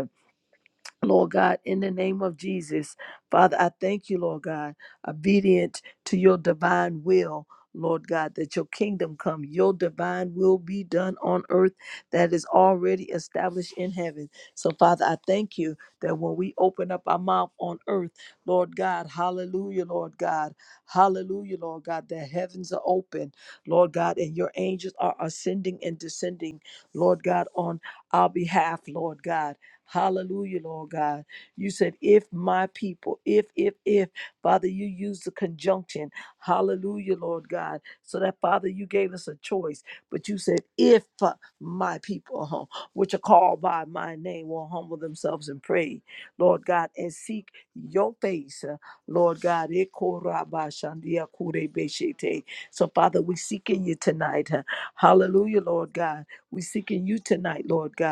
Speaker 2: Lord God, in the name of Jesus. Father, I thank you, Lord God, obedient to your divine will. Lord God, that your kingdom come, your divine will be done on earth that is already established in heaven. So, Father, I thank you that when we open up our mouth on earth, Lord God, hallelujah, Lord God, hallelujah, Lord God, the heavens are open, Lord God, and your angels are ascending and descending, Lord God, on our behalf, Lord God. Hallelujah, Lord God. You said, if my people, if, if, if, Father, you use the conjunction. Hallelujah, Lord God. So that, Father, you gave us a choice, but you said, if uh, my people, huh, which are called by my name, will humble themselves and pray, Lord God, and seek your face, uh, Lord God. Ekorabashandiakurebeshete. So, Father, we seeking you tonight. huh. Hallelujah, Lord God. We seeking you tonight, Lord God.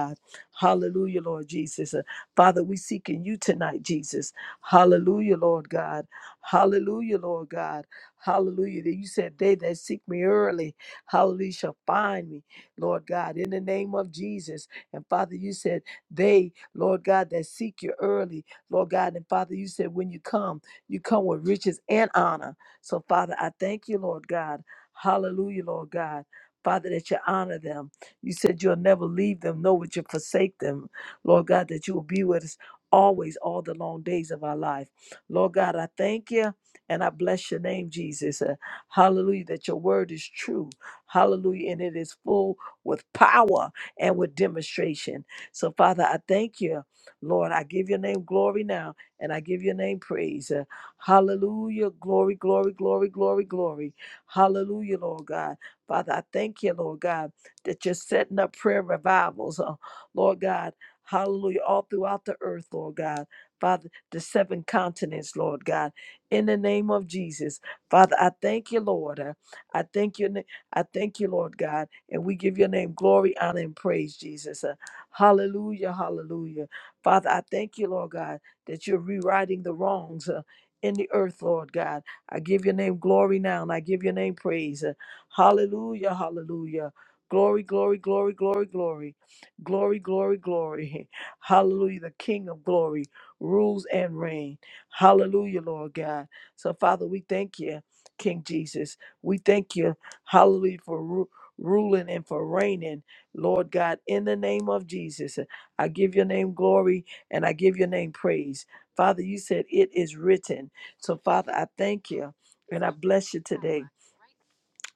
Speaker 2: Hallelujah, Lord Jesus. Uh, Father, we seek in you tonight, Jesus. Hallelujah, Lord God. Hallelujah, Lord God. Hallelujah. That you said they that seek me early, hallelujah, shall find me, Lord God, in the name of Jesus. And Father, you said they, Lord God, that seek you early, Lord God. And Father, you said when you come, you come with riches and honor. So, Father, I thank you, Lord God. Hallelujah, Lord God. Father, that you honor them. You said you'll never leave them, nor would you forsake them. Lord God, that you will be with us always, all the long days of our life. Lord God, I thank you and I bless your name, Jesus. Uh, hallelujah, that your word is true. Hallelujah, and it is full with power and with demonstration. So, Father, I thank you. Lord, I give your name glory now and I give your name praise. Uh, hallelujah, glory, glory, glory, glory, glory. Hallelujah, Lord God. Father, I thank you, Lord God that you're setting up prayer revivals, uh, Lord God. Hallelujah. All throughout the earth, Lord God. Father, the seven continents, Lord God. In the name of Jesus. Father, I thank you, Lord. Uh, I thank you. na- I thank you, Lord God. And we give your name glory, honor, and praise, Jesus. Uh, hallelujah. Hallelujah. Father, I thank you, Lord God, that you're rewriting the wrongs uh, in the earth, Lord God. I give your name glory now and I give your name praise. Uh, Hallelujah, hallelujah. Glory, glory, glory, glory, glory. Glory, glory, glory. Hallelujah. The King of glory rules and reign. Hallelujah, Lord God. So, Father, we thank you, King Jesus. We thank you, hallelujah, for ru- ruling and for reigning, Lord God, in the name of Jesus. I give your name glory and I give your name praise. Father, you said it is written. So, Father, I thank you and I bless you today.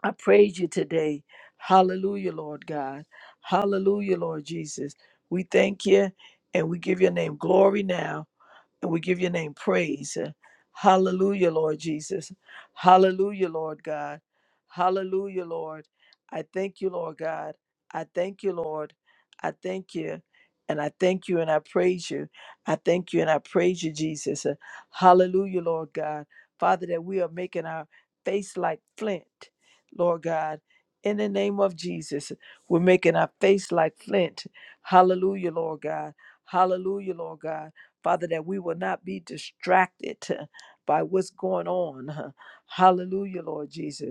Speaker 2: I praise you today. Hallelujah, Lord God. Hallelujah, Lord Jesus. We thank you and we give your name glory now. And we give your name praise. Hallelujah, Lord Jesus. Hallelujah, Lord God. Hallelujah, Lord. I thank you, Lord God. I thank you, Lord. I thank you. And I thank you and I praise you. I thank you and I praise you, Jesus. Hallelujah, Lord God. Father, that we are making our face like flint, Lord God. In the name of Jesus, we're making our face like flint. Hallelujah, Lord God. Hallelujah, Lord God. Father, that we will not be distracted uh, by what's going on. huh. Hallelujah, Lord Jesus.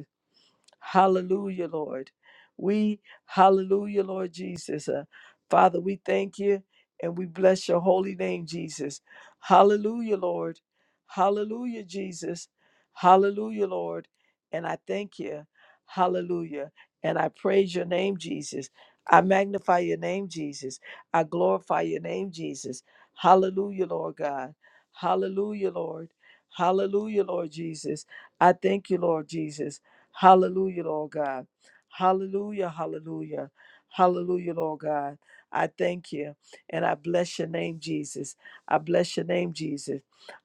Speaker 2: Hallelujah, Lord. We, hallelujah, Lord Jesus. Uh, Father, we thank you and we bless your holy name, Jesus. Hallelujah, Lord. Hallelujah, Jesus. Hallelujah, Lord. And I thank you. Hallelujah. And I praise your name, Jesus. I magnify your name, Jesus. I glorify your name, Jesus. Hallelujah, Lord God. Hallelujah, Lord. Hallelujah, Lord Jesus. I thank you, Lord Jesus. Hallelujah, Lord God. Hallelujah, hallelujah, hallelujah, Lord God. I thank you and I bless your name, Jesus. I bless your name, Jesus.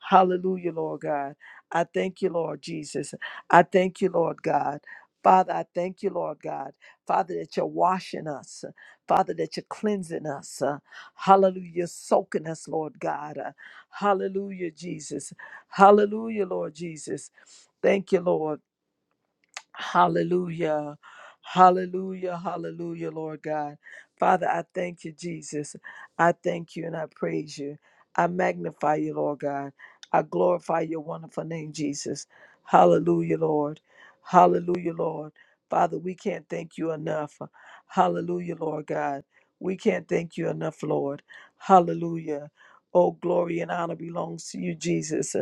Speaker 2: Hallelujah, Lord God. I thank you, Lord Jesus. I thank you, Lord God. Father, I thank you, Lord God. Father, that you're washing us. Father, that you're cleansing us. Uh, Hallelujah. You're soaking us, Lord God. Uh, Hallelujah, Jesus. Hallelujah, Lord Jesus. Thank you, Lord. Hallelujah. Hallelujah. Hallelujah, Lord God. Father, I thank you, Jesus. I thank you and I praise you. I magnify you, Lord God. I glorify your wonderful name, Jesus. Hallelujah, Lord. Hallelujah, Lord. Father, we can't thank you enough. Hallelujah, Lord God. We can't thank you enough, Lord. Hallelujah. Oh, glory and honor belongs to you, Jesus.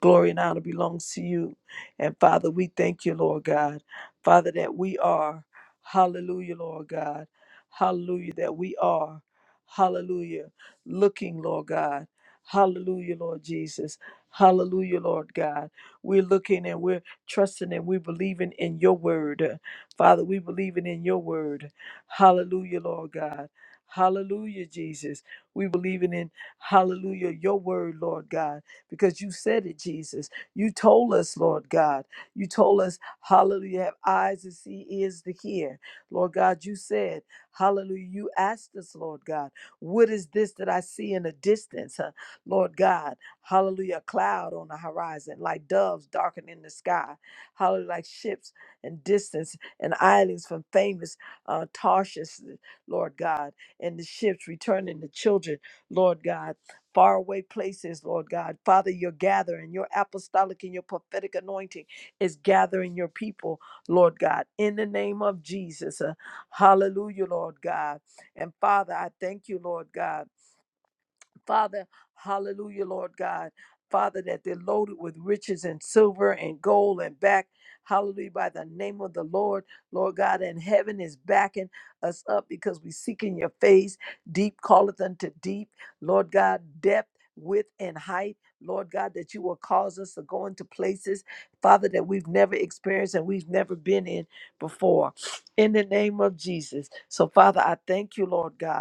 Speaker 2: Glory and honor belongs to you. And Father, we thank you, Lord God. Father, that we are, hallelujah, Lord God. Hallelujah, that we are, hallelujah, looking, Lord God. Hallelujah, Lord Jesus. Hallelujah, Lord God. We're looking and we're trusting and we're believing in your word. Father, we believing in your word. Hallelujah, Lord God. Hallelujah, Jesus. We believing in, hallelujah, your word, Lord God, because you said it, Jesus. You told us, Lord God. You told us, hallelujah, have eyes to see, ears to hear. Lord God, you said, hallelujah, you asked us, Lord God, what is this that I see in the distance? huh? Lord God, hallelujah, a cloud on the horizon, like doves darkening the sky, hallelujah, like ships and distance and islands from famous uh, Tarshish, Lord God, and the ships returning the children, Lord God faraway places, Lord God. Father, you're gathering, your apostolic and your prophetic anointing is gathering your people, Lord God, in the name of Jesus. Uh, hallelujah, Lord God. And Father, I thank you, Lord God. Father, hallelujah, Lord God. Father, that they're loaded with riches and silver and gold and back. Hallelujah, by the name of the Lord, Lord God, and heaven is backing us up because we seek in your face. Deep calleth unto deep, Lord God, depth, width, and height. Lord God, that you will cause us to go into places, Father, that we've never experienced and we've never been in before. In the name of Jesus. So, Father, I thank you, Lord God.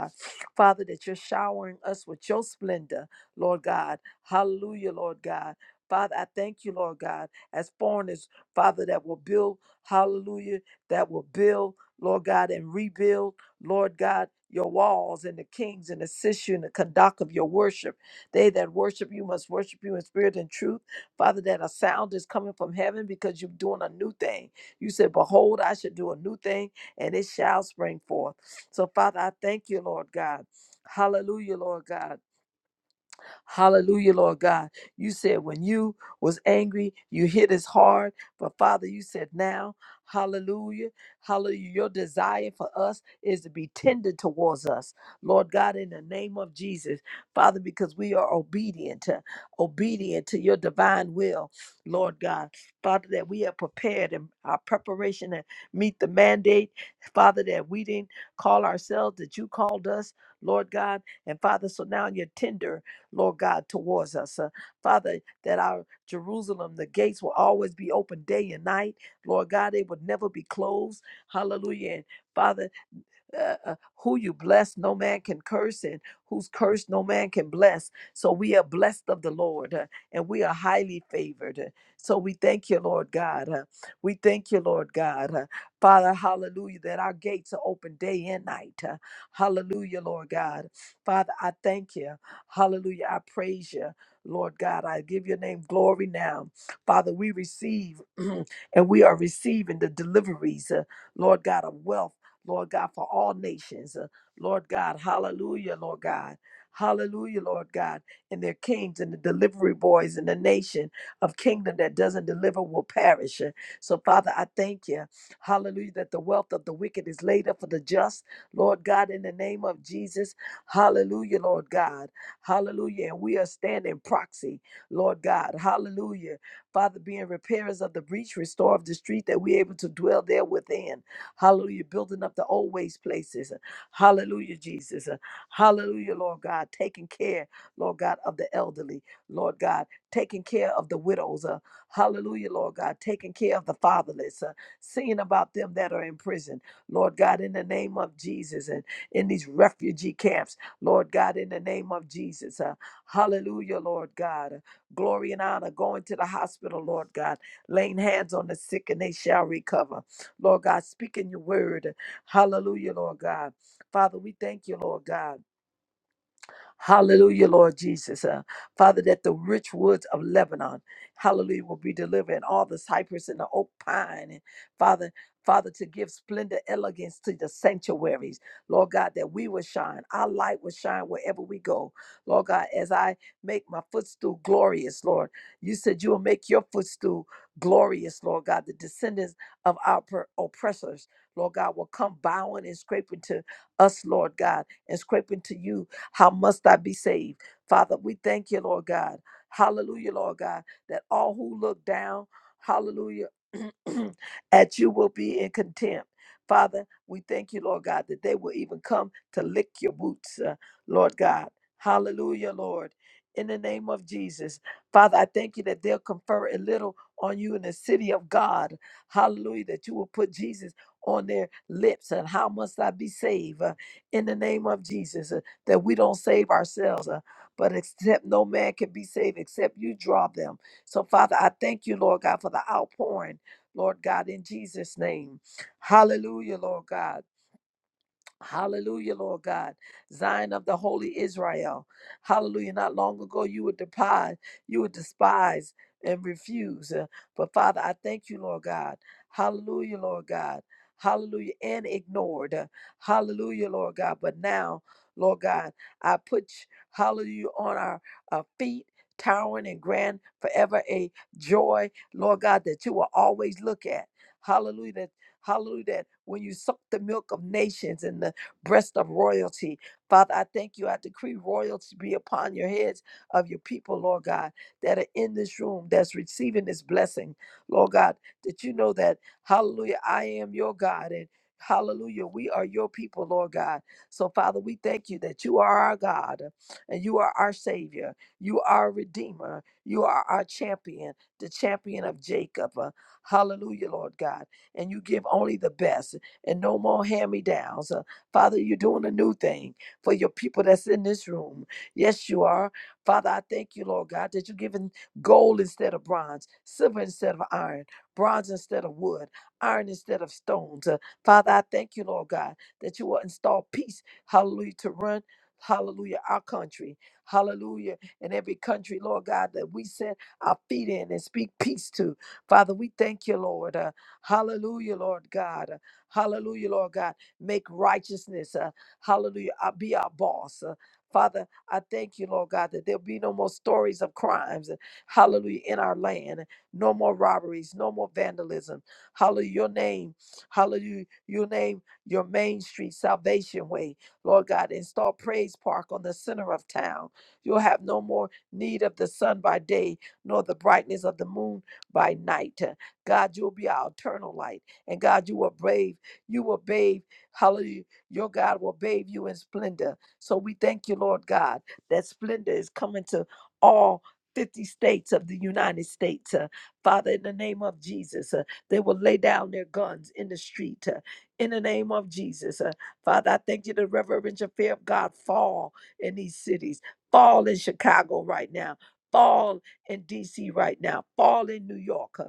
Speaker 2: Father, that you're showering us with your splendor, Lord God. Hallelujah, Lord God. Father, I thank you, Lord God, as foreigners, Father, that will build, hallelujah, that will build, Lord God, and rebuild, Lord God, your walls and the kings and assist you in the conduct of your worship. They that worship you must worship you in spirit and truth. Father, that a sound is coming from heaven because you're doing a new thing. You said, Behold, I should do a new thing, and it shall spring forth. So, Father, I thank you, Lord God. Hallelujah, Lord God. Hallelujah, Lord God. You said when you was angry, you hit us hard. But Father, you said now, hallelujah, hallelujah. Your desire for us is to be tender towards us. Lord God, in the name of Jesus, Father, because we are obedient to obedient to your divine will, Lord God. Father, that we are prepared in our preparation to meet the mandate. Father, that we didn't call ourselves, that you called us, Lord God. And Father, so now you're tender Lord God, towards us. Uh, Father, that our Jerusalem, the gates will always be open day and night. Lord God, they would never be closed. Hallelujah. And Father, uh, uh, who you bless, no man can curse, and who's cursed, no man can bless. So we are blessed of the Lord, uh, and we are highly favored. Uh, So we thank you, Lord God. uh, We thank you, Lord God. uh, Father, hallelujah, that our gates are open day and night. uh, Hallelujah, Lord God. Father, I thank you. Hallelujah. I praise you, Lord God. I give your name glory now. Father, we receive and we are receiving the deliveries, uh, Lord God, of wealth Lord God, for all nations. Uh, Lord God, hallelujah, Lord God. Hallelujah, Lord God. And their kings and the delivery boys in the nation of kingdom that doesn't deliver will perish. Uh, So, Father, I thank you. Hallelujah, that the wealth of the wicked is laid up for the just. Lord God, in the name of Jesus. Hallelujah, Lord God. Hallelujah. And we are standing proxy, Lord God. Hallelujah. Father, being repairers of the breach, restore of the street, that we're able to dwell there within. Hallelujah. Building up the old waste places. Hallelujah, Jesus. Hallelujah, Lord God. Taking care, Lord God, of the elderly. Lord God. Taking care of the widows. Uh, hallelujah, Lord God. Taking care of the fatherless. Uh, seeing about them that are in prison. Lord God, in the name of Jesus. And in these refugee camps. Lord God, in the name of Jesus. Uh, hallelujah, Lord God. Glory and honor. Going to the hospital, Lord God laying hands on the sick and they shall recover. Lord God, speak in your word. Hallelujah, Lord God. Father, we thank you, Lord God. Hallelujah, Lord Jesus. Uh, Father, that the rich woods of Lebanon, hallelujah, will be delivered, and all the cypress and the oak pine. And Father, Father, to give splendor, elegance to the sanctuaries, Lord God, that we will shine. Our light will shine wherever we go. Lord God, as I make my footstool glorious, Lord, you said you will make your footstool glorious, Lord God. The descendants of our per- oppressors, Lord God, will come bowing and scraping to us, Lord God, and scraping to you how must I be saved? Father, we thank you, Lord God. Hallelujah, Lord God, that all who look down, hallelujah, at you will be in contempt. Father, we thank you, Lord God, that they will even come to lick your boots, uh, Lord God. Hallelujah, Lord. In the name of Jesus. Father, I thank you that they'll confer a little on you in the city of God. Hallelujah, that you will put Jesus on their lips and how must I be saved uh, in the name of Jesus that we don't save ourselves, uh, but except no man can be saved except you draw them. So, Father, I thank you, Lord God, for the outpouring, Lord God, in Jesus' name. Hallelujah, Lord God. Hallelujah, Lord God. Zion of the holy Israel. Hallelujah. Not long ago you would depise, you would despise and refuse. Uh, But Father, I thank you, Lord God. Hallelujah, Lord God. Hallelujah. And ignored. Uh, Hallelujah, Lord God. But now, Lord God, I put you- hallelujah on our, our feet. Towering and grand forever a joy, Lord God, that you will always look at. Hallelujah. That Hallelujah. That when you suck the milk of nations and the breast of royalty. Father, I thank you. I decree royalty be upon your heads of your people, Lord God, that are in this room, that's receiving this blessing, Lord God, that you know that, hallelujah, I am your God. And hallelujah, we are your people, Lord God. So, Father, we thank you that you are our God and you are our Savior. You are our Redeemer. You are our champion, the champion of Jacob. Uh, hallelujah, Lord God. And you give only the best and no more hand me downs. Father, you're doing a new thing for your people that's in this room. Yes, you are. Father, I thank you, Lord God, that you're giving gold instead of bronze, silver instead of iron, bronze instead of wood, iron instead of stones. Uh, Father, I thank you, Lord God, that you will install peace, hallelujah, to run, hallelujah, our country, hallelujah, in every country, Lord God, that we set our feet in and speak peace to. Father, we thank you, Lord. Uh, hallelujah, Lord God. Uh, hallelujah, Lord God. Make righteousness, uh, hallelujah, uh, be our boss. Uh, Father, I thank you, Lord God, that there'll be no more stories of crimes, uh, hallelujah, in our land. No more robberies, no more vandalism. Hallelujah, your name, hallelujah, your name, your main street, Salvation Way, Lord God. Install Praise Park on the center of town. You'll have no more need of the sun by day, nor the brightness of the moon by night. Uh, God, you'll be our eternal light. And God, you will brave, you will bathe. Hallelujah. Your God will bathe you in splendor. So we thank you, Lord God, that splendor is coming to all 50 states of the United States. Uh, Father, in the name of Jesus, uh, they will lay down their guns in the street. uh, in the name of Jesus. Uh, Father, I thank you the reverential fear of God fall in these cities. Fall in Chicago right now. Fall in DC right now. Fall in New York. uh,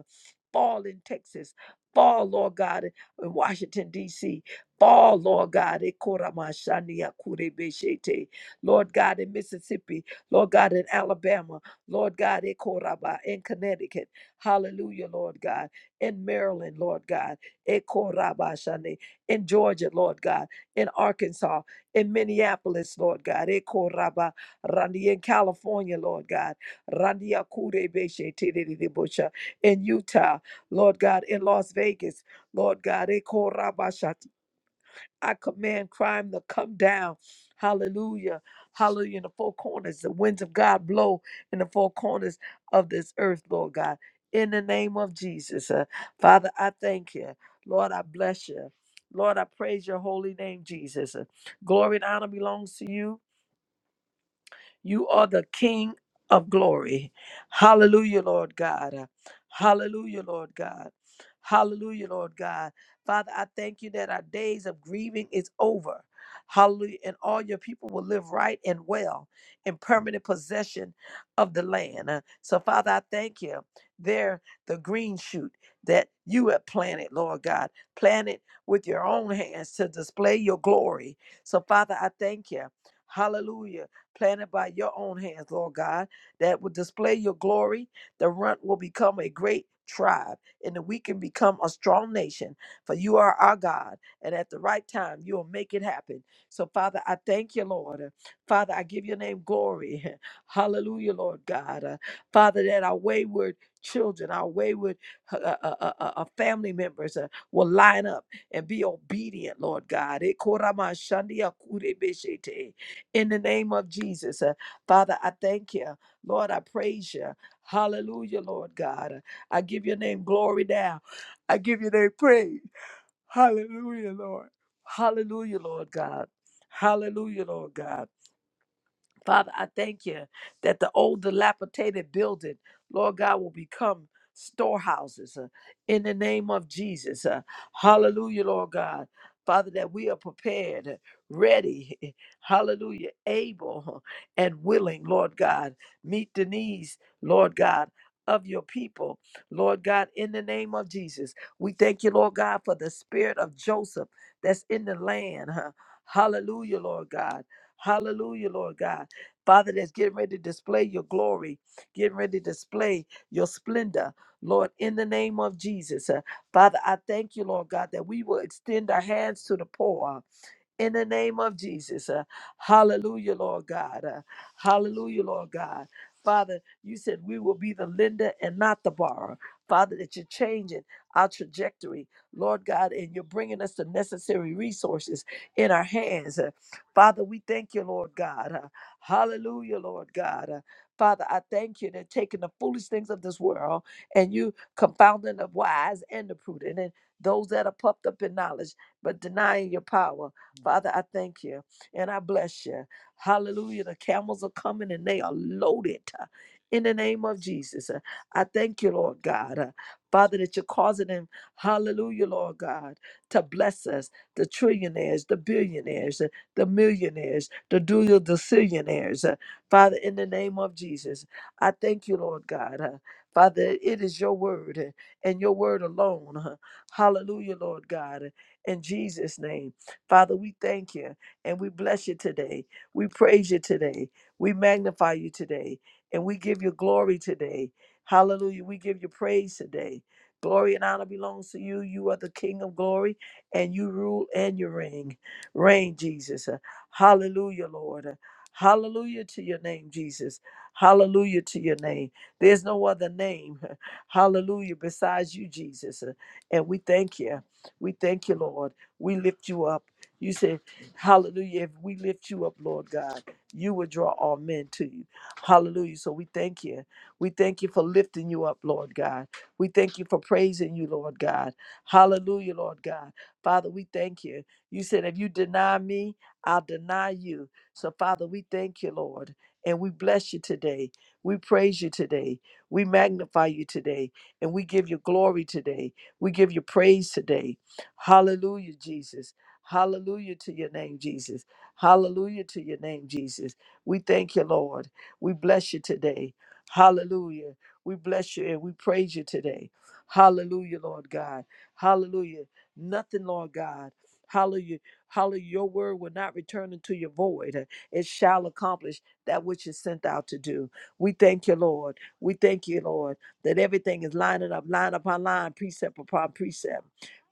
Speaker 2: Fall in Texas. Fall, Lord God, in Washington, D.C. Fall, Lord God. Ekoramashania kurebeshete. Lord God, in Mississippi. Lord God, in Alabama. Lord God, Ekoraba, in Connecticut. Hallelujah, Lord God. In Maryland, Lord God. Ekorabashane. In Georgia, Lord God. In Arkansas. In Minneapolis, Lord God. Ekoraba. Randi in California, Lord God. Randia kurebeshete. In Utah, Lord God. In Las Vegas. Lord God. Ekorabashata, I command crime to come down. Hallelujah. Hallelujah. In the four corners, the winds of God blow in the four corners of this earth, Lord God. In the name of Jesus. Uh, Father, I thank you. Lord, I bless you. Lord, I praise your holy name, Jesus. Uh, glory and honor belongs to you. You are the King of glory. Hallelujah, Lord God. Hallelujah, Lord God. Hallelujah, Lord God. Father, I thank you that our days of grieving is over. Hallelujah. And all your people will live right and well in permanent possession of the land. Uh, So, Father, I thank you. There, the green shoot that you have planted, Lord God, planted with your own hands to display your glory. So, Father, I thank you. Hallelujah planted by your own hands, Lord God, that will display your glory. The runt will become a great tribe, and the weak can become a strong nation. For you are our God, and at the right time, you will make it happen. So, Father, I thank you, Lord. Father, I give your name glory. Hallelujah, Lord God. Uh, Father, that our wayward children, our wayward uh, uh, uh, uh, uh, uh, family members uh, will line up and be obedient, Lord God. Eh, koramashandia kurebeshete. In the name of Jesus, uh, Father, I thank you. Lord, I praise you. Hallelujah, Lord God. Uh, I give your name glory now. I give your name praise. Hallelujah, Lord. Hallelujah, Lord God. Hallelujah, Lord God. Father, I thank you that the old dilapidated building, Lord God, will become storehouses uh, in the name of Jesus. uh, hallelujah, Lord God. Father, that we are prepared, uh, ready, hallelujah, able huh, and willing, Lord God, meet the needs, Lord God. Of your people, Lord God, in the name of Jesus. We thank you, Lord God, for the spirit of Joseph that's in the land. huh? Hallelujah, Lord God. Hallelujah, Lord God Father, that's getting ready to display your glory, getting ready to display your splendor, Lord, in the name of Jesus. Uh, Father, I thank you, Lord God, that we will extend our hands to the poor in the name of Jesus. Uh, hallelujah, Lord God. Uh, hallelujah, Lord God. Father, you said we will be the lender and not the borrower. Father, that you're changing our trajectory, Lord God, and you're bringing us the necessary resources in our hands. Uh, Father, we thank you, Lord God. Uh, hallelujah, Lord God. Uh, Father, I thank you that taking the foolish things of this world and you confounding the wise and the prudent and those that are puffed up in knowledge but denying your power. Father, I thank you and I bless you. Hallelujah. The camels are coming and they are loaded uh, in the name of Jesus. Uh, I thank you, Lord God. uh, Father, that you're causing them, hallelujah, Lord God, to bless us, the trillionaires, the billionaires, uh, the millionaires, the dual decillionaires. uh, Father, in the name of Jesus, I thank you, Lord God. uh, Father, it is your word uh, and your word alone. uh, Hallelujah, Lord God. uh, In Jesus' name. Father, we thank you and we bless you today. We praise you today. We magnify you today and we give you glory today. Hallelujah. We give you praise today. Glory and honor belongs to you. You are the King of glory and you rule and you reign. Reign, Jesus. Uh, Hallelujah, Lord. Uh, Hallelujah to your name, Jesus. Hallelujah to your name. There's no other name, hallelujah, besides you, Jesus. Uh, And we thank you. We thank you, Lord. We lift you up. You said, Hallelujah, if we lift you up, Lord God, you will draw all men to you. Hallelujah. So we thank you. We thank you for lifting you up, Lord God. We thank you for praising you, Lord God. Hallelujah, Lord God. Father, we thank you. You said, if you deny me, I'll deny you. So, Father, we thank you, Lord, and we bless you today. We praise you today. We magnify you today, and we give you glory today. We give you praise today. Hallelujah, Jesus. Hallelujah to your name, Jesus. Hallelujah to your name, Jesus. We thank you, Lord. We bless you today. Hallelujah. We bless you and we praise you today. Hallelujah, Lord God. Hallelujah. Nothing, Lord God. Hallelujah. Hallelujah. Your word will not return into your void. It shall accomplish that which is sent out to do. We thank you, Lord. We thank you, Lord, that everything is lining up, line upon line, precept upon precept.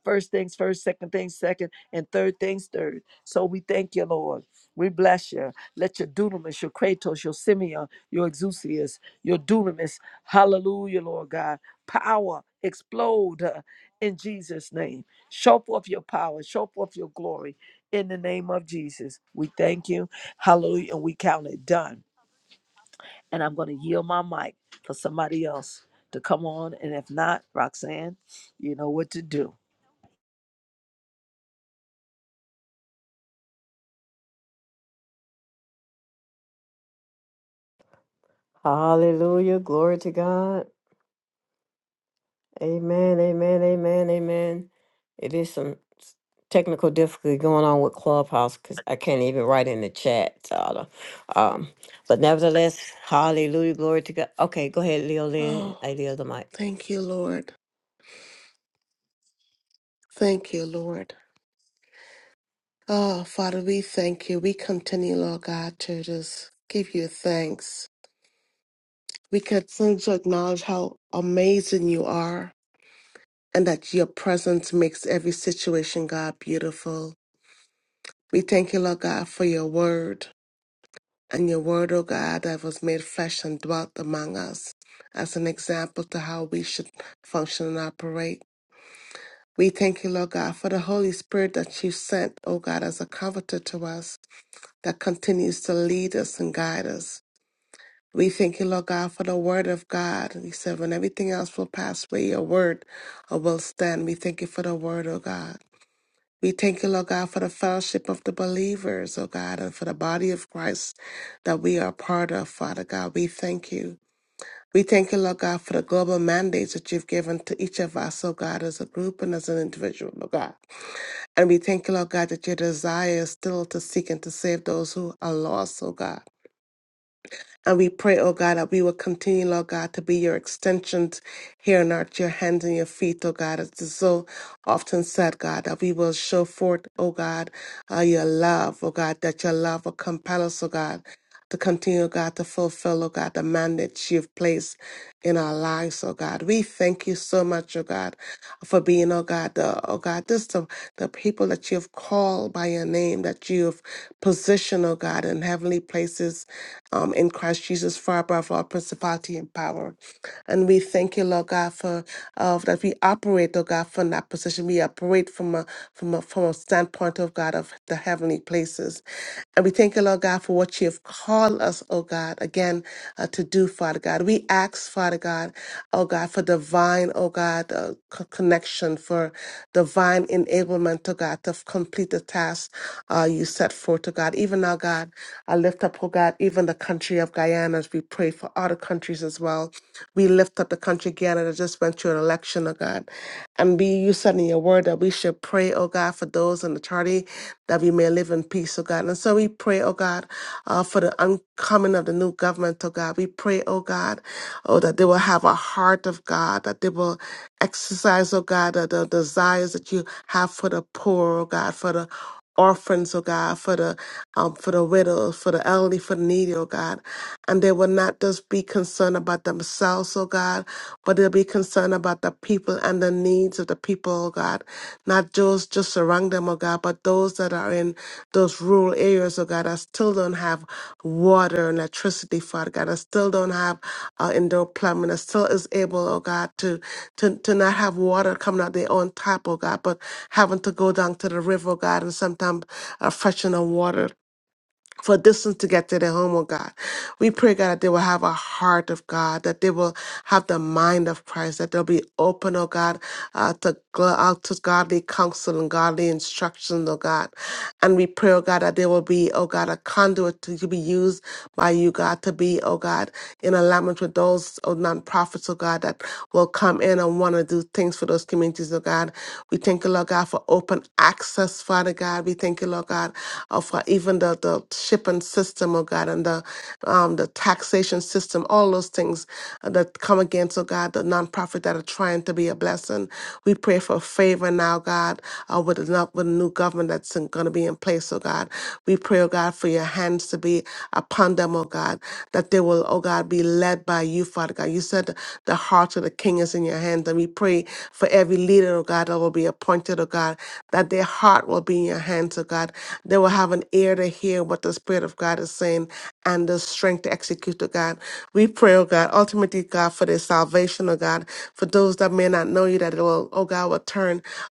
Speaker 2: First things first, second things second and third things third. So we thank you, Lord. We bless you. Let your dunamis, your kratos, your simeon, your exousias, your dunamis, hallelujah, Lord God, power explode uh, in Jesus' name. Show forth your power, show forth your glory in the name of Jesus. We thank you, hallelujah, and we count it done. And I'm going to yield my mic for somebody else to come on. And if not, Roxanne, you know what to do.
Speaker 1: Hallelujah. Glory to God. Amen, amen, amen, amen. It is some s- technical difficulty going on with Clubhouse because I can't even write in the chat. so I don't- Um, but nevertheless, hallelujah, glory to God. Okay, go ahead, Leo Lynn.
Speaker 3: Oh,
Speaker 1: I yield the mic.
Speaker 3: thank you, Lord. Thank you, Lord. Oh, Father, we thank you. We continue, Lord God, to just give you thanks. We continue to acknowledge how amazing you are and that your presence makes every situation, God, beautiful. We thank you, Lord God, for your word and your word, oh God, that was made flesh and dwelt among us as an example to how we should function and operate. We thank you, Lord God, for the Holy Spirit that you sent, O God, as a comforter to us that continues to lead us and guide us. We thank you, Lord God, for the word of God. We said, when everything else will pass away, your word uh, will stand. We thank you for the word, O God. We thank you, Lord God, for the fellowship of the believers, O God, and for the body of Christ that we are part of, Father God. We thank you. We thank you, Lord God, for the global mandates that you've given to each of us, O God, as a group and as an individual, O God. And we thank you, Lord God, that your desire is still to seek and to save those who are lost, oh God. And we pray, oh God, that we will continue, Lord God, to be your extensions here on earth, your hands and your feet, oh God. As is so often said, God, that we will show forth, oh God, uh, your love, oh God, that your love will compel us, oh God, to continue, oh God, to fulfill, oh God, the mandate you've placed in our lives, oh God. We thank you so much, oh God, for being, oh God, the, oh God, just the, the people that you've called by your name, that you've positioned, oh God, in heavenly places um, in Christ Jesus far above all principality and power. And we thank you, Lord God, for uh, that we operate, Lord God, from that position. We operate from a from a from a standpoint of God of the heavenly places. And we thank you, Lord God, for what you have called us, oh God, again uh, to do, Father God. We ask, Father God, oh God, for divine, oh God, uh, co- connection, for divine enablement, oh God, to complete the task uh, you set forth, oh God. Even now, God, I lift up up, oh God, even the country of Guyana as we pray for other countries as well. We lift up the country Guyana that just went through an election, oh God. And be you said in your word that we should pray, oh God, for those in authority that we may live in peace, oh God. And so we pray, oh God, uh, for the uncoming of the new government, oh God. We pray, oh God, oh, that they will have a heart of God, that they will exercise, oh God, the, the desires that you have for the poor, oh God, for the orphans, oh God, for the um, for the widows, for the elderly, for the needy, oh God. And they will not just be concerned about themselves, oh God, but they'll be concerned about the people and the needs of the people, oh God. Not those just around them, oh God, but those that are in those rural areas, oh God, that still don't have water and electricity, Father God, that still don't have uh, indoor plumbing, that still is able, oh God, to, to, to not have water coming out their own tap, oh God, but having to go down to the river, oh God, and sometimes uh, fetching the water for distance to get to their home, oh God. We pray, God, that they will have a heart of God, that they will have the mind of Christ, that they'll be open, oh God, uh, to, gl- uh, to godly counsel and godly instruction, oh God. And we pray, oh God, that they will be, oh God, a conduit to, to be used by you, God, to be, oh God, in alignment with those oh, non-profits, oh God, that will come in and want to do things for for those communities, oh God. We thank you, Lord God, for open access, Father God. We thank you, Lord God, uh, for even the, the shipping system, oh God, and the um, the taxation system, all those things uh, that come against, oh God, the nonprofit that are trying to be a blessing. We pray for favor now, God, uh, with, the, no- with the new government that's going to be in place, oh God. We pray, oh God, for your hands to be upon upon them, oh God, that they will, oh God, be led by you, Father God. You said the heart of the king is in your hands, and we pray for every leader, oh God, that will be appointed, oh God, that their heart will be in your hands, oh God. They will have an ear to hear what the Spirit of God is saying and the strength to execute, oh God. We pray, oh God, ultimately, God, for their salvation, oh God, for those that may not know you, that it will, oh God, will turn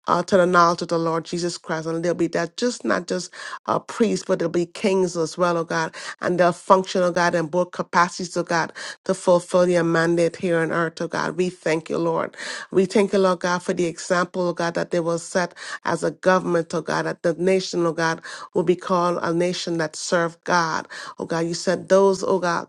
Speaker 3: children uh, to the knowledge of the Lord Jesus Christ. And there'll be that just not just uh, priests, but there'll be kings as well, oh God. And they'll function, oh God, in both capacities, oh God, to fulfill your mandate here on earth, oh God. We thank you, Lord. We thank you, Lord God, for the example, oh God, that they will set as a government, oh God, that the nation, oh God, will be called a nation that serve God. Oh God, you said those, oh God,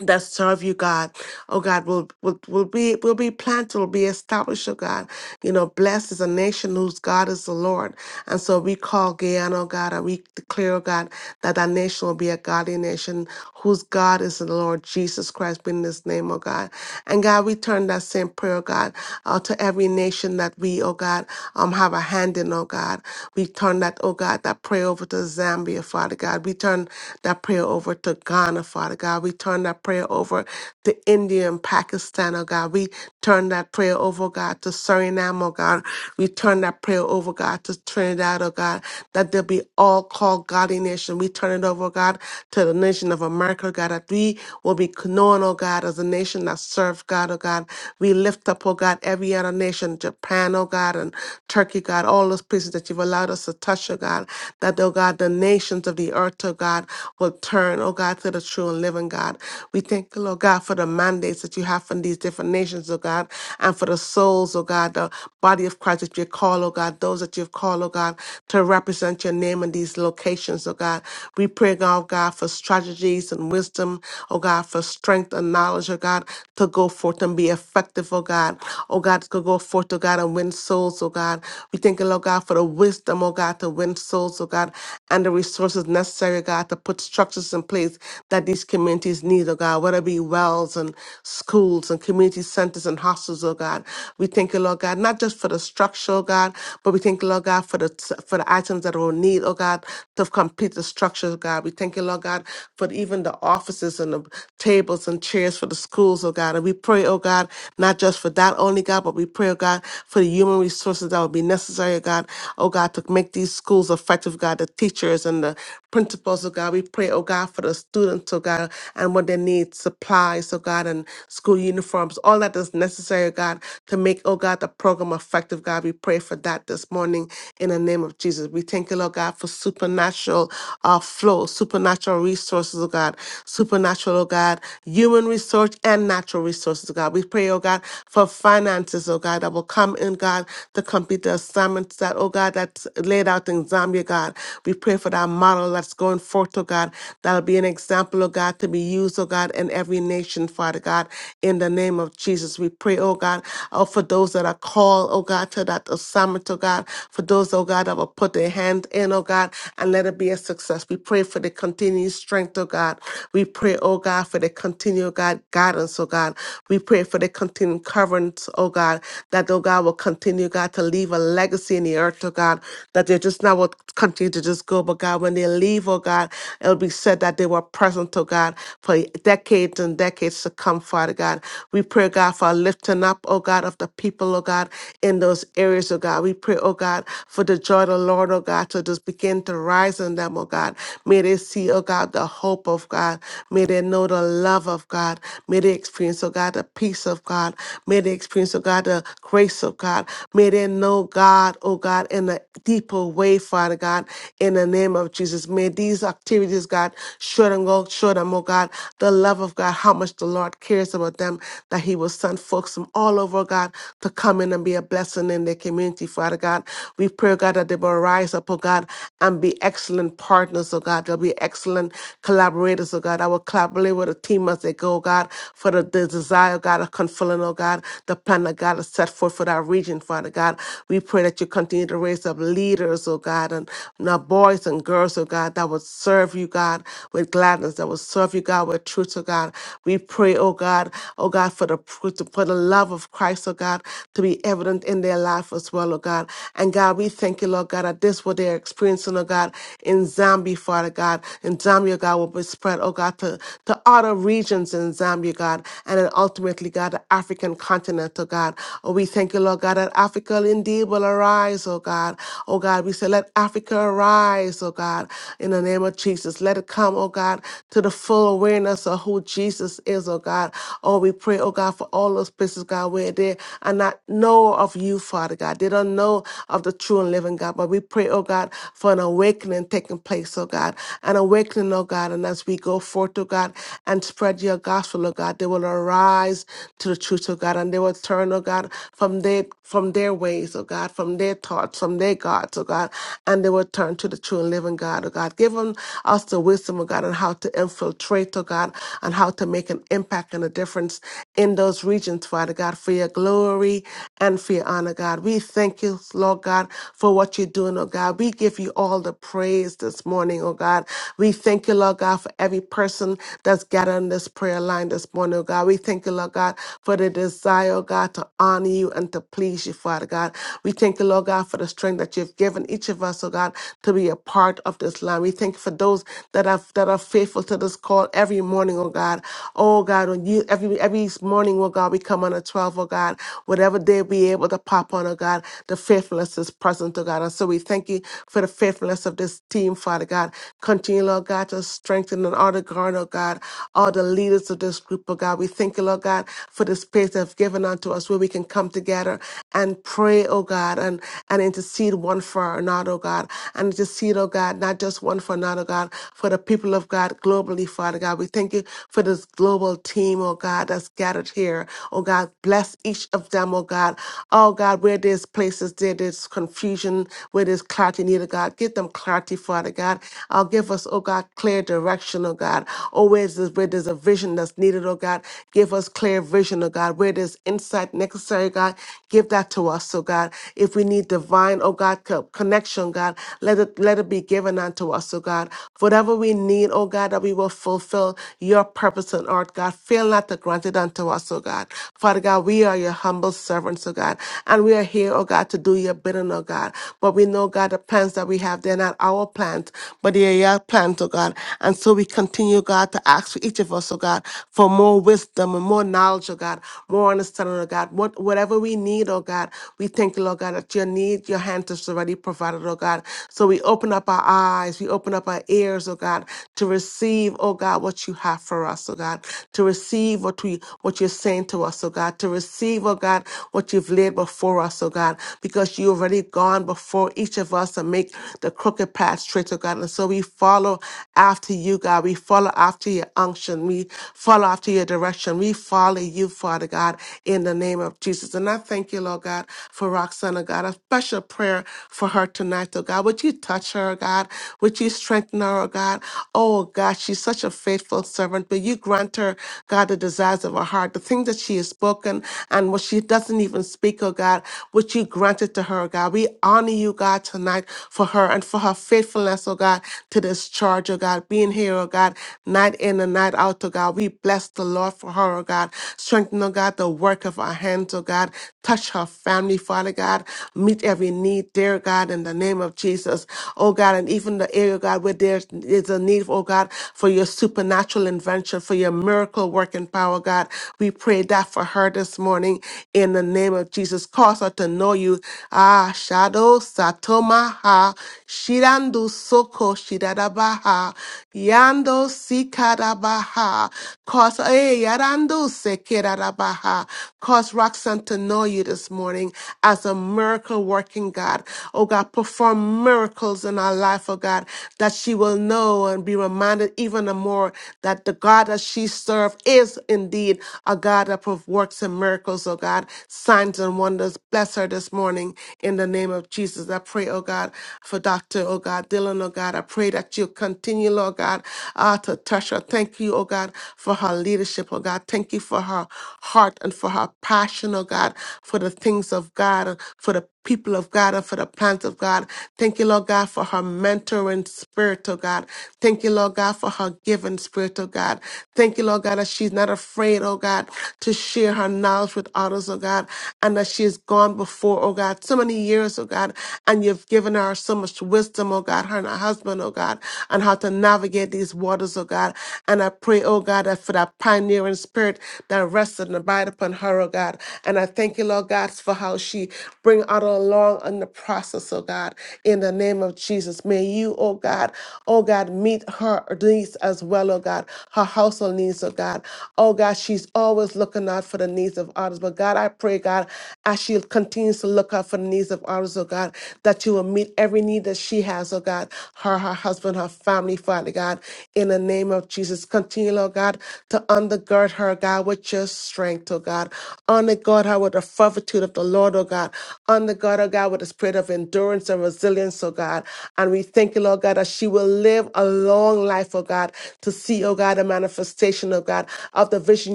Speaker 3: that serve you, God. Oh God, will will will be will be planted, will be established, oh God. You know, blessed is a nation whose God is the Lord. And so we call Guyana, oh God, and we declare, oh God, that that nation will be a godly nation whose God is the Lord Jesus Christ in His name, oh God. And God, we turn that same prayer, oh God, uh, to every nation that we, oh God, um have a hand in, oh God. We turn that, oh God, that prayer over to Zambia, Father God. We turn that prayer over to Ghana, Father God. We turn turn that prayer over to India and Pakistan, oh God. We turn that prayer over, oh God, to Suriname, oh God. We turn that prayer over, God, to Trinidad, oh God, that there be all called godly nation. We turn it over, oh God, to the nation of America, oh God, that we will be known, oh God, as a nation that serves God, oh God. We lift up, oh God, every other nation, Japan, oh God, and Turkey, oh God, all those places that you've allowed us to touch, oh God, that, oh God, the nations of the earth, oh God, will turn, oh God, to the true and living living God. We thank you, Lord God, for the mandates that you have from these different nations, oh God, and for the souls, oh God, the body of Christ that you call, oh God, those that you've called, oh God, to represent your name in these locations, oh God. We pray, God, God, for strategies and wisdom, oh God, for strength and knowledge, oh God, to go forth and be effective, oh God. Oh God, to go forth, oh God, and win souls, oh God. We thank you, Lord God, for the wisdom, oh God, to win souls, oh God, and the resources necessary, God, to put structures in place that that these communities need, oh God, whether it be wells and schools and community centers and hostels, oh God. We thank you, Lord God, not just for the structure, oh God, but we thank you, Lord God, for the for the items that we'll need, oh God, to complete the structure, oh God. We thank you, Lord God, for even the offices and the tables and chairs for the schools, oh God. And we pray, oh God, not just for that only, God, but we pray, oh God, for the human resources that will be necessary, oh God, oh God, to make these schools effective, God, the teachers and the principals, oh God. We pray, oh God, for the students, oh God, and what they need, supplies, oh God, and school uniforms, all that is necessary, oh God, to make, oh God, the program effective, God. We pray for that this morning in the name of Jesus. We thank you, Lord God, for supernatural uh, flow, supernatural resources, oh God, supernatural, oh God, human resource and natural resources, oh God. We pray, oh God, for finances, oh God, that will come in, God, to complete the assignments that, oh God, that's laid out in Zambia, God. We pray for that model that's going forth, oh God, that. That'll be an example, oh God, to be used, oh God, in every nation, Father God. In the name of Jesus, we pray, oh God, oh, for those that are called, oh God, to that assignment, oh God, for those, oh God, that will put their hand in, oh God, and let it be a success. We pray for the continued strength, oh God. We pray, oh God, for the continued, oh God, guidance, oh God. We pray for the continued currents, oh God, that, oh God, will continue, oh God, to leave a legacy in the earth, oh God, that they just not will continue to just go, but God, when they leave, oh God, it'll be be said that they were present to God for decades and decades to come, Father God. We pray, God, for a lifting up, oh God, of the people, oh God, in those areas, oh God. We pray, oh God, for the joy of the Lord, oh God, to just begin to rise in them, oh God. May they see, oh God, the hope of God. May they know the love of God. May they experience, oh God, the peace of God. May they experience, oh God, the grace of God. May they know God, oh God, in a deeper way, Father God, in the name of Jesus. May these activities activities, God. Show them, go, show them, oh God, the love of God, how much the Lord cares about them, that He will send folks from all over, God, to come in and be a blessing in their community, Father God. We pray, God, that they will rise up, oh God, and be excellent partners, oh God. They'll be excellent collaborators, oh God. I will collaborate with the team as they go, God, for the, the desire, God, of fulfilling, oh God, the plan that God has set forth for that region, Father God. We pray that you continue to raise up leaders, oh God, and now boys and girls, oh God, that will will serve you, God, with gladness, that will serve you, God, with truth, oh God. We pray, oh God, oh God, for the pr- to- for the love of Christ, oh God, to be evident in their life as well, oh God. And God, we thank you, Lord God, that this what they're experiencing, oh God, in Zambia, Father God. In Zambia, God, will be spread, oh God, to, to other regions in Zambia, God, and then ultimately, God, the African continent, oh God. Oh, we thank you, Lord God, that Africa indeed will arise, oh God. Oh God, we say, let Africa arise, oh God in the name of Jesus. Let it come, oh God, to the full awareness of who Jesus is, oh God. Oh, we pray, oh God, for all those places, God, where they are not know of you, Father God. They don't know of the true and living God. But we pray, oh God, for an awakening taking place, oh God. An awakening, oh God. And as we go forth, oh God, and spread your gospel, oh God, they will arise to the truth, oh God, and they will turn, oh God, from their from their ways, oh God, from their thoughts, from their gods, oh God, and they will turn to the true and living God. Living God, oh God. Give them us the wisdom, oh God, on how to infiltrate, oh God, and how to make an impact and a difference in those regions, Father God, for your glory and for your honor, God. We thank you, Lord God, for what you're doing, oh God. We give you all the praise this morning, oh God. We thank you, Lord God, for every person that's gathered on this prayer line this morning, oh God. We thank you, Lord God, for the desire, oh God, to honor you and to please you, Father God. We thank you, Lord God, for the strength that you've given each of us, oh God, to be a part of this line. We thank you for those that are that are faithful to this call every morning, oh God. Oh God, when you every every morning, oh God, we come on at 12, oh God. Whatever day we able to pop on, oh God, the faithfulness is present, oh God. And so we thank you for the faithfulness of this team, Father God. Continue, Lord God, to strengthen and all the ground, oh God, all the leaders of this group, oh God. We thank you, Lord God, for the space they've given unto us where we can come together and pray, oh God, and, and intercede one for another, oh God planted the seed, oh God, not just one for another, God, for the people of God globally, Father God. We thank you for this global team, oh God, that's gathered here. Oh God, bless each of them, oh God. Oh God, where there's places there, there's confusion, where there's clarity needed, God. Give them clarity, Father God. Oh, give us, oh God, clear direction, oh God. Oh, where there's, where there's a vision that's needed, oh God. Give us clear vision, oh God. Where there's insight necessary, God, give that to us, oh God. If we need divine, oh God, co- connection, God. Let it let it be given unto us, O God. Whatever we need, O God, that we will fulfill your purpose on earth, God. Fail not to grant it unto us, O God. Father God, we are your humble servants, O God. And we are here, O God, to do your bidding, O God. But we know, God, the plans that we have, they're not our plans, but they are your plans, O God. And so we continue, God, to ask for each of us, O God, for more wisdom and more knowledge, O God, more understanding, O God. What whatever we need, O God, we thank you, Lord God, that your need, your hand is already provided, O oh God. So we open up our eyes, we open up our ears, oh God, to receive, oh God, what you have for us, oh God, to receive what we what you're saying to us, oh God, to receive, oh God, what you've laid before us, oh God, because you already gone before each of us and make the crooked path straight, oh God. And so we follow after you, God. We follow after your unction. We follow after your direction. We follow you, Father God, in the name of Jesus. And I thank you, Lord God, for Roxana, God, a special prayer for her her tonight, oh God. Would you touch her, oh God? Would you strengthen her, oh God? Oh God, she's such a faithful servant. Will you grant her, God, the desires of her heart, the things that she has spoken and what she doesn't even speak, oh God? Would you grant it to her, oh God? We honor you, God, tonight for her and for her faithfulness, oh God, to this charge, oh God, being here, oh God, night in and night out, oh God. We bless the Lord for her, oh God. Strengthen, oh God, the work of our hands, oh God. Touch her family, Father God. Meet every need, there dear God, in the name of Jesus. Oh God, and even the area, God, where there is a need, oh God, for your supernatural intervention, for your miracle working power, God. We pray that for her this morning in the name of Jesus. Cause her to know you. Ah, Shadow Satomaha, Shirandu Soko Shidadabaha, Yando Sikadabaha, cause, eh, Yarando Sekirabaha, cause Roxanne to know you this morning as a miracle working God seen, God. Oh God, perform miracles in our life, oh God, that she will know and be reminded even the more that the God that she served is indeed a God that perf- works in miracles, oh God, signs and wonders. Bless her this morning in the name of Jesus. I pray, oh God, for Dr. Oh God, Dylan, oh God, I pray that you continue, Lord God, uh, to touch her. Thank you, oh God, for her leadership, oh God. Thank you for her heart and for her passion, oh God, for the things of God, for the people people of God and for the plans of God. Thank you, Lord God, for her mentoring spirit, oh God. Thank you, Lord God, for her giving spirit, oh God. Thank you, Lord God, that she's not afraid, oh God, to share her knowledge with others, oh God, and that she has gone before, oh God, so many years, oh God, and you've given her so much wisdom, oh God, her and her husband, oh God, on how to navigate these waters, oh God. And I pray, oh God, that for that pioneering spirit that rested and abide upon her, oh God. And I thank you, Lord God, for how she bring out along in the process, oh God, in the name of Jesus. May you, oh God, oh God, meet her needs as well, oh God, her household needs, oh God. Oh God, she's always looking out for the needs of others. But God, I pray, God, as she continues to look out for the needs of others, oh God, that you will meet every need that she has, oh God, her, her husband, her family, Father God, in the name of Jesus. Continue, oh God, to undergird her, God, with your strength, oh God. Undergird her with the fervitude of the Lord, oh God. God. Under God, oh God, with the spirit of endurance and resilience, oh God. And we thank you, Lord God, that she will live a long life, oh God, to see, oh God, a manifestation, oh God, of the vision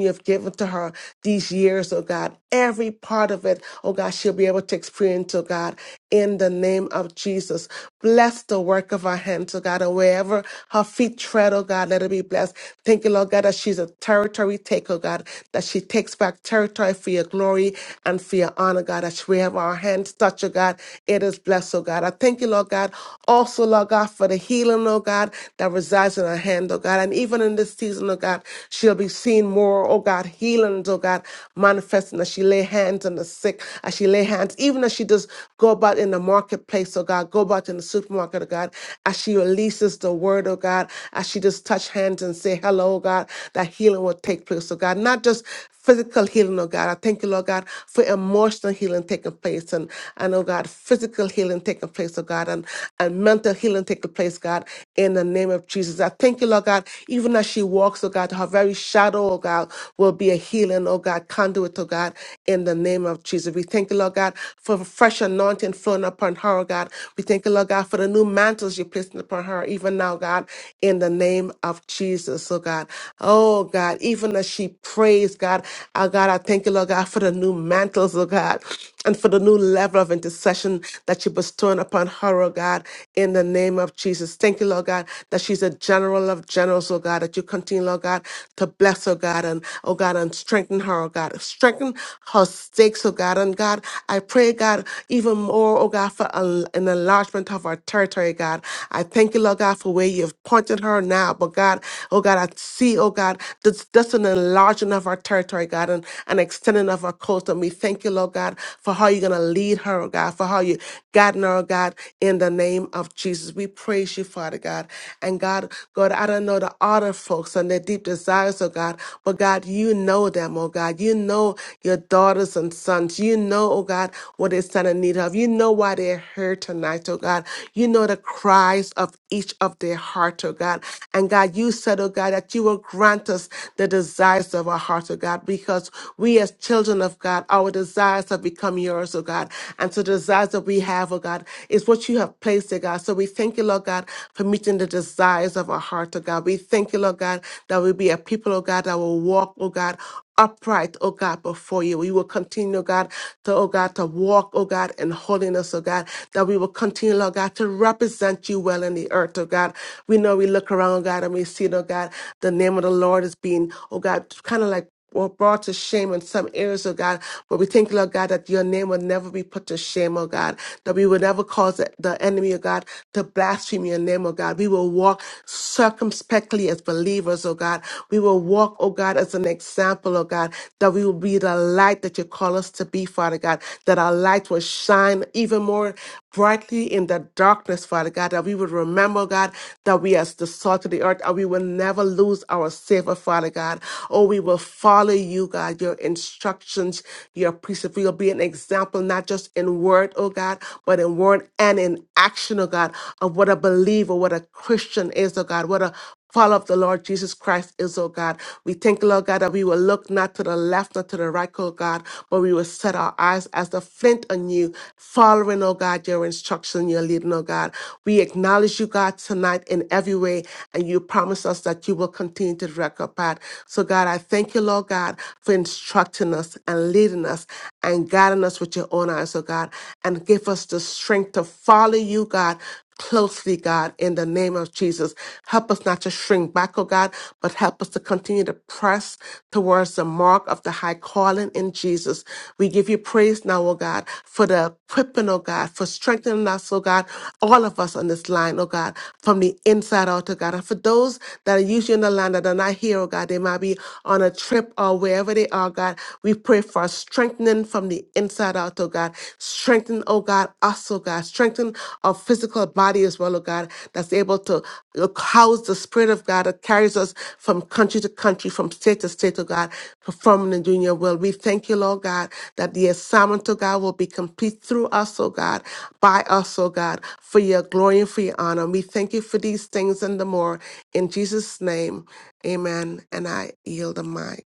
Speaker 3: you have given to her these years, oh God. Every part of it, oh God, she'll be able to experience, oh God, in the name of Jesus. Bless the work of her hands, oh God, and wherever her feet tread, oh God, let it be blessed. Thank you, Lord God, that she's a territory taker, oh God, that she takes back territory for your glory and for your honor, God as we have our hands touch, oh God, it is blessed, oh God. I thank you, Lord God, also, Lord God, for the healing, oh God, that resides in our hand, oh God. And even in this season, oh God, she'll be seeing more, oh God, healings, oh God, manifesting as she lay hands on the sick, as she lay hands, even as she just go about in the marketplace, oh God, go about in the supermarket, oh God, as she releases the word, oh God, as she just touch hands and say hello, oh God, that healing will take place, oh God. Not just physical healing, oh God. I thank you, Lord God, for emotional healing taking place and, and oh God, physical healing taking place, oh God, and, and mental healing taking place, God, in the name of Jesus. I thank you, Lord God, even as she walks, oh God, her very shadow, oh God, will be a healing, oh God, conduit, oh God, in the name of Jesus. We thank you, Lord God, for the fresh anointing flowing upon her, oh God. We thank you, Lord God, for the new mantles you're placing upon her, even now, God, in the name of Jesus, oh God. Oh God, even as she prays, God. God. Oh God, I thank you, Lord God, for the new mantles, oh God, and for the new level of intercession that you're bestowing upon her, oh God, in the name of Jesus. Thank you, Lord God, that she's a general of generals, oh God, that you continue, Lord God, to bless, oh God, and oh God, and strengthen her, oh God. Strengthen her stakes, oh God. And God, I pray, God, even more, oh God, for a- an enlargement of our territory, God. I thank you, Lord God, for where you've pointed her now. But God, oh God, I see, oh God, that's, that's an enlargement of our territory territory, God, and an extending of our coast. And we thank you, Lord God, for how you're going to lead her, oh God, for how you guiding her, oh God, in the name of Jesus. We praise you, Father God. And God, God, I don't know the other folks and their deep desires, oh God, but God, you know them, oh God. You know your daughters and sons. You know, oh God, what they stand in need of. You know why they're here tonight, oh God. You know the cries of each of their heart, oh God. And God, you said, oh God, that you will grant us the desires of our hearts, oh God. God, because we as children of God, our desires have become yours, oh God. And so the desires that we have, oh God, is what you have placed, oh God. So we thank you, Lord God, for meeting the desires of our heart, oh God. We thank you, Lord God, that we be a people, oh God, that will walk, oh God, upright, oh God, before you. We will continue, oh God, to, oh God, to walk, oh God, in holiness, oh God, that we will continue, Lord God, to represent you well in the earth, oh God. We know we look around, oh God, and we see, oh God, the name of the Lord is being, oh God, kind of like were brought to shame in some areas, oh God. But we thank you, Lord God, that your name will never be put to shame, oh God. That we will never cause the the enemy, oh God, to blaspheme your name, oh God. We will walk circumspectly as believers, oh God. We will walk, oh God, as an example, oh God, that we will be the light that you call us to be, Father God. That our light will shine even more brightly in the darkness, Father God, that we would remember, God, that we are the salt of the earth and we will never lose our savor, Father God. Oh, we will follow you, God, your instructions, your precepts. We will be an example, not just in word, oh God, but in word and in action, oh God, of what a believer, what a Christian is, oh God, what a Father of the Lord Jesus Christ is, O God. We thank you, Lord God, that we will look not to the left, not to the right, O God, but we will set our eyes as the flint on you, following, O God, your instruction, your leading, O God. We acknowledge you, God, tonight in every way, and you promise us that you will continue to direct our path. So, God, I thank you, Lord God, for instructing us and leading us and guiding us with your own eyes, O God, and give us the strength to follow you, God, closely, God, in the name of Jesus. Help us not to shrink back, oh God, but help us to continue to press towards the mark of the high calling in Jesus. We give you praise now, oh God, for the equipping, oh God, for strengthening us, oh God, all of us on this line, oh God, from the inside out, oh God. And for those that are usually in the line that are not here, oh God, they might be on a trip or wherever they are, God. We pray for strengthening from the inside out health, oh God. Strengthen, oh God, us, oh God. Strengthen our physical body as well, oh God, that's able to uh, house the Spirit of God that carries us from country to country, from state to state, oh God, performing and doing your will. We thank you, Lord God, that the assignment, oh God, will be complete through us, oh God, by us, oh God, for your glory and for your honor. We thank you for these things and the more. In Jesus' name, amen. And I yield the mic.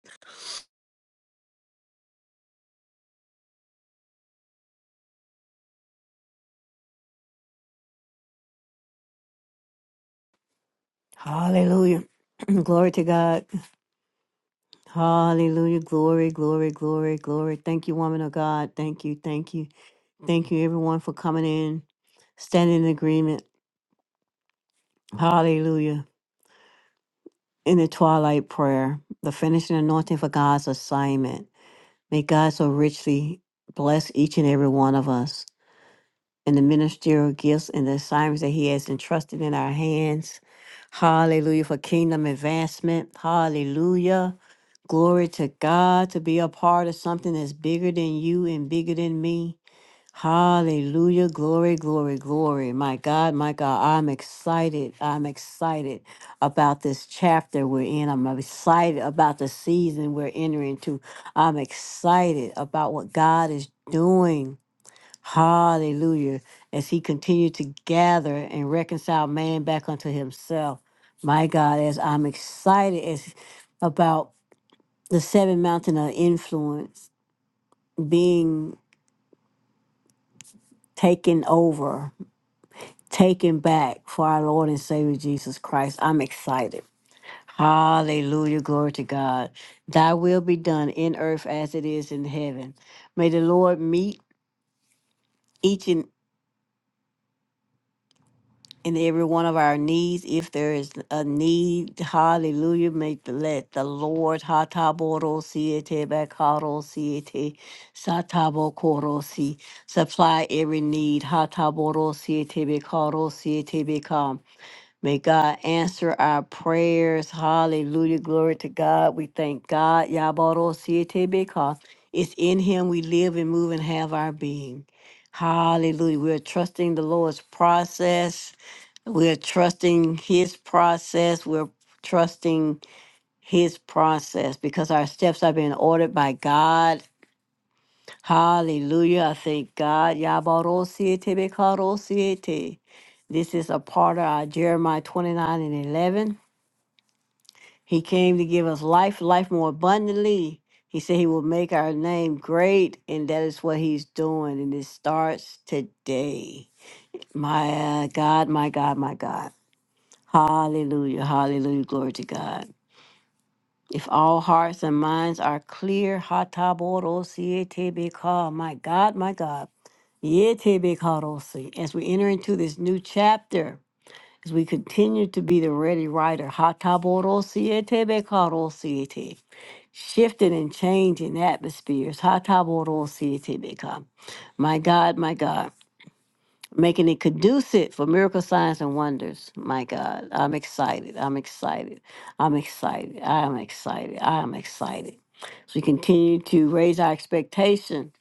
Speaker 1: Hallelujah. glory to God. Hallelujah. Glory, glory, glory, glory. Thank you, woman of God. Thank you, thank you. Thank you, everyone, for coming in, standing in agreement. Hallelujah. in the twilight prayer, the finishing anointing for God's assignment. May God so richly bless each and every one of us in the ministerial gifts and the assignments that He has entrusted in our hands. Hallelujah for kingdom advancement. Hallelujah. Glory to God to be a part of something that's bigger than you and bigger than me. Hallelujah. Glory, glory, glory. My God, my God, I'm excited. I'm excited about this chapter we're in. I'm excited about the season we're entering into. I'm excited about what God is doing. Hallelujah. As he continued to gather and reconcile man back unto himself. My God, as I'm excited as about the seven mountain of influence being taken over taken back for our Lord and Savior Jesus Christ. I'm excited. Hallelujah. Glory to God. Thy will be done in earth as it is in heaven. May the Lord meet each and and every one of our needs, if there is a need, hallelujah, May the let the Lord hataboro siete bakaro siete satabo korosi supply every need hataboro siete bakaro siete bekam. May God answer our prayers. Hallelujah. Glory to God. We thank God. Yabarosiete, Because it's in Him we live and move and have our being. Hallelujah. We're trusting the Lord's process. We're trusting His process. We're trusting His process because our steps are being ordered by God. Hallelujah. I thank God. Yabarosiete, Bekarosiete. This is a part of our Jeremiah 29 and 11 he came to give us life, life more abundantly. He said he will make our name great, and that is what he's doing. And it starts today. My uh, God, my God, my God. Hallelujah, hallelujah, glory to God. If all hearts and minds are clear, hatabodosietebeka, my God, my God, yetebekarosi, as we enter into this new chapter, as we continue to be the ready writer, hatabodosietebekarosi, shifting and changing atmospheres. Hataborodositibika. My God, my God, making it conducive for miracle signs and wonders. My God, I'm excited. I'm excited. I'm excited. I am excited. I am excited. So we continue to raise our expectation.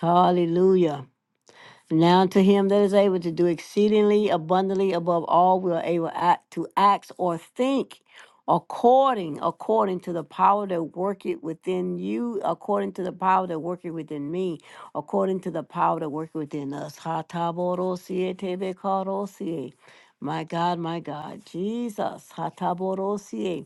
Speaker 1: Hallelujah. Now to him that is able to do exceedingly abundantly above all we are able act, to act or think according according to the power that worketh within you, according to the power that worketh within me, according to the power that worketh within us. Ha ta bo ro si e te be ka ro si e. My God, my God, Jesus. Ha ta bo ro si e.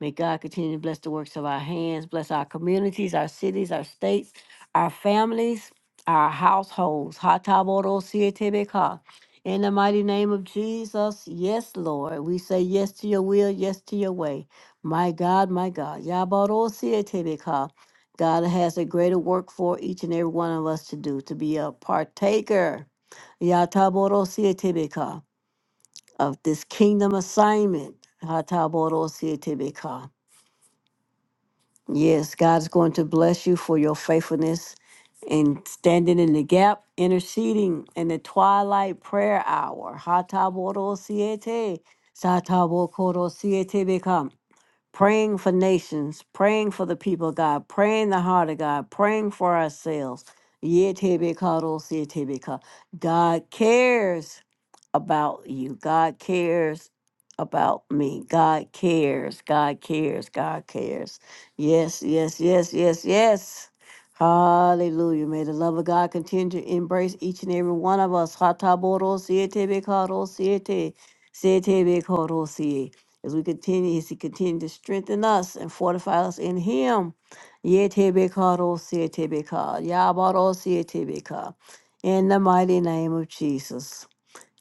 Speaker 1: May God continue to bless the works of our hands, bless our communities, our cities, our states, our families our households. Hatabodosietebeka. In the mighty name of Jesus, yes, Lord. We say yes to your will, yes to your way. My God, my God. Yabodosietebeka. God has a greater work for each and every one of us to do, to be a partaker Yatabodosietebeka, of this kingdom assignment. Hatabodosietebeka. Yes, God's going to bless you for your faithfulness and standing in the gap, interceding in the twilight prayer hour. Hatabodo-siete, satabokoro-siete become. Praying for nations, praying for the people of God, praying the heart of God, praying for ourselves. Yetebekaro-siete beca. God cares about you. God cares about me. God cares. God cares. God cares. Yes, yes, yes, yes, yes. Hallelujah. May the love of God continue to embrace each and every one of us. Hataboro siete bekaro siete. Siete bekoro siete. As we continue, as he continues to strengthen us and fortify us in him. Yete bekaro siete beka. Yabaro siete beka. In the mighty name of Jesus.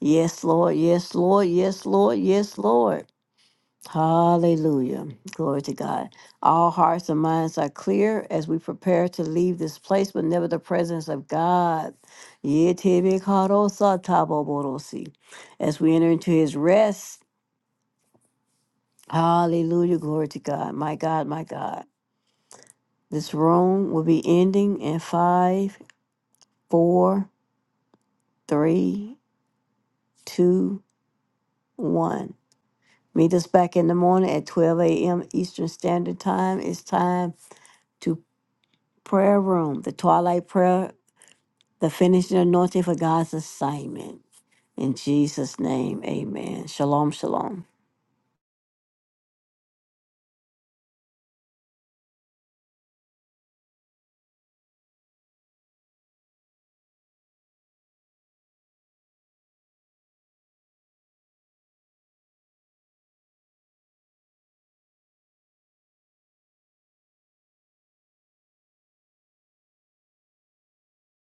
Speaker 1: Yes, Lord. Yes, Lord. Yes, Lord. Yes, Lord. Hallelujah. Glory to God. All hearts and minds are clear as we prepare to leave this place, but never the presence of God. Yetebekarosataboborosi. As we enter into his rest. Hallelujah. Glory to God. My God, my God. This room will be ending in five, four, three, two, one. Meet us back in the morning at 12 a.m. Eastern Standard Time. It's time to prayer room, the twilight prayer, the finishing anointing for God's assignment. In Jesus' name, amen. Shalom, shalom.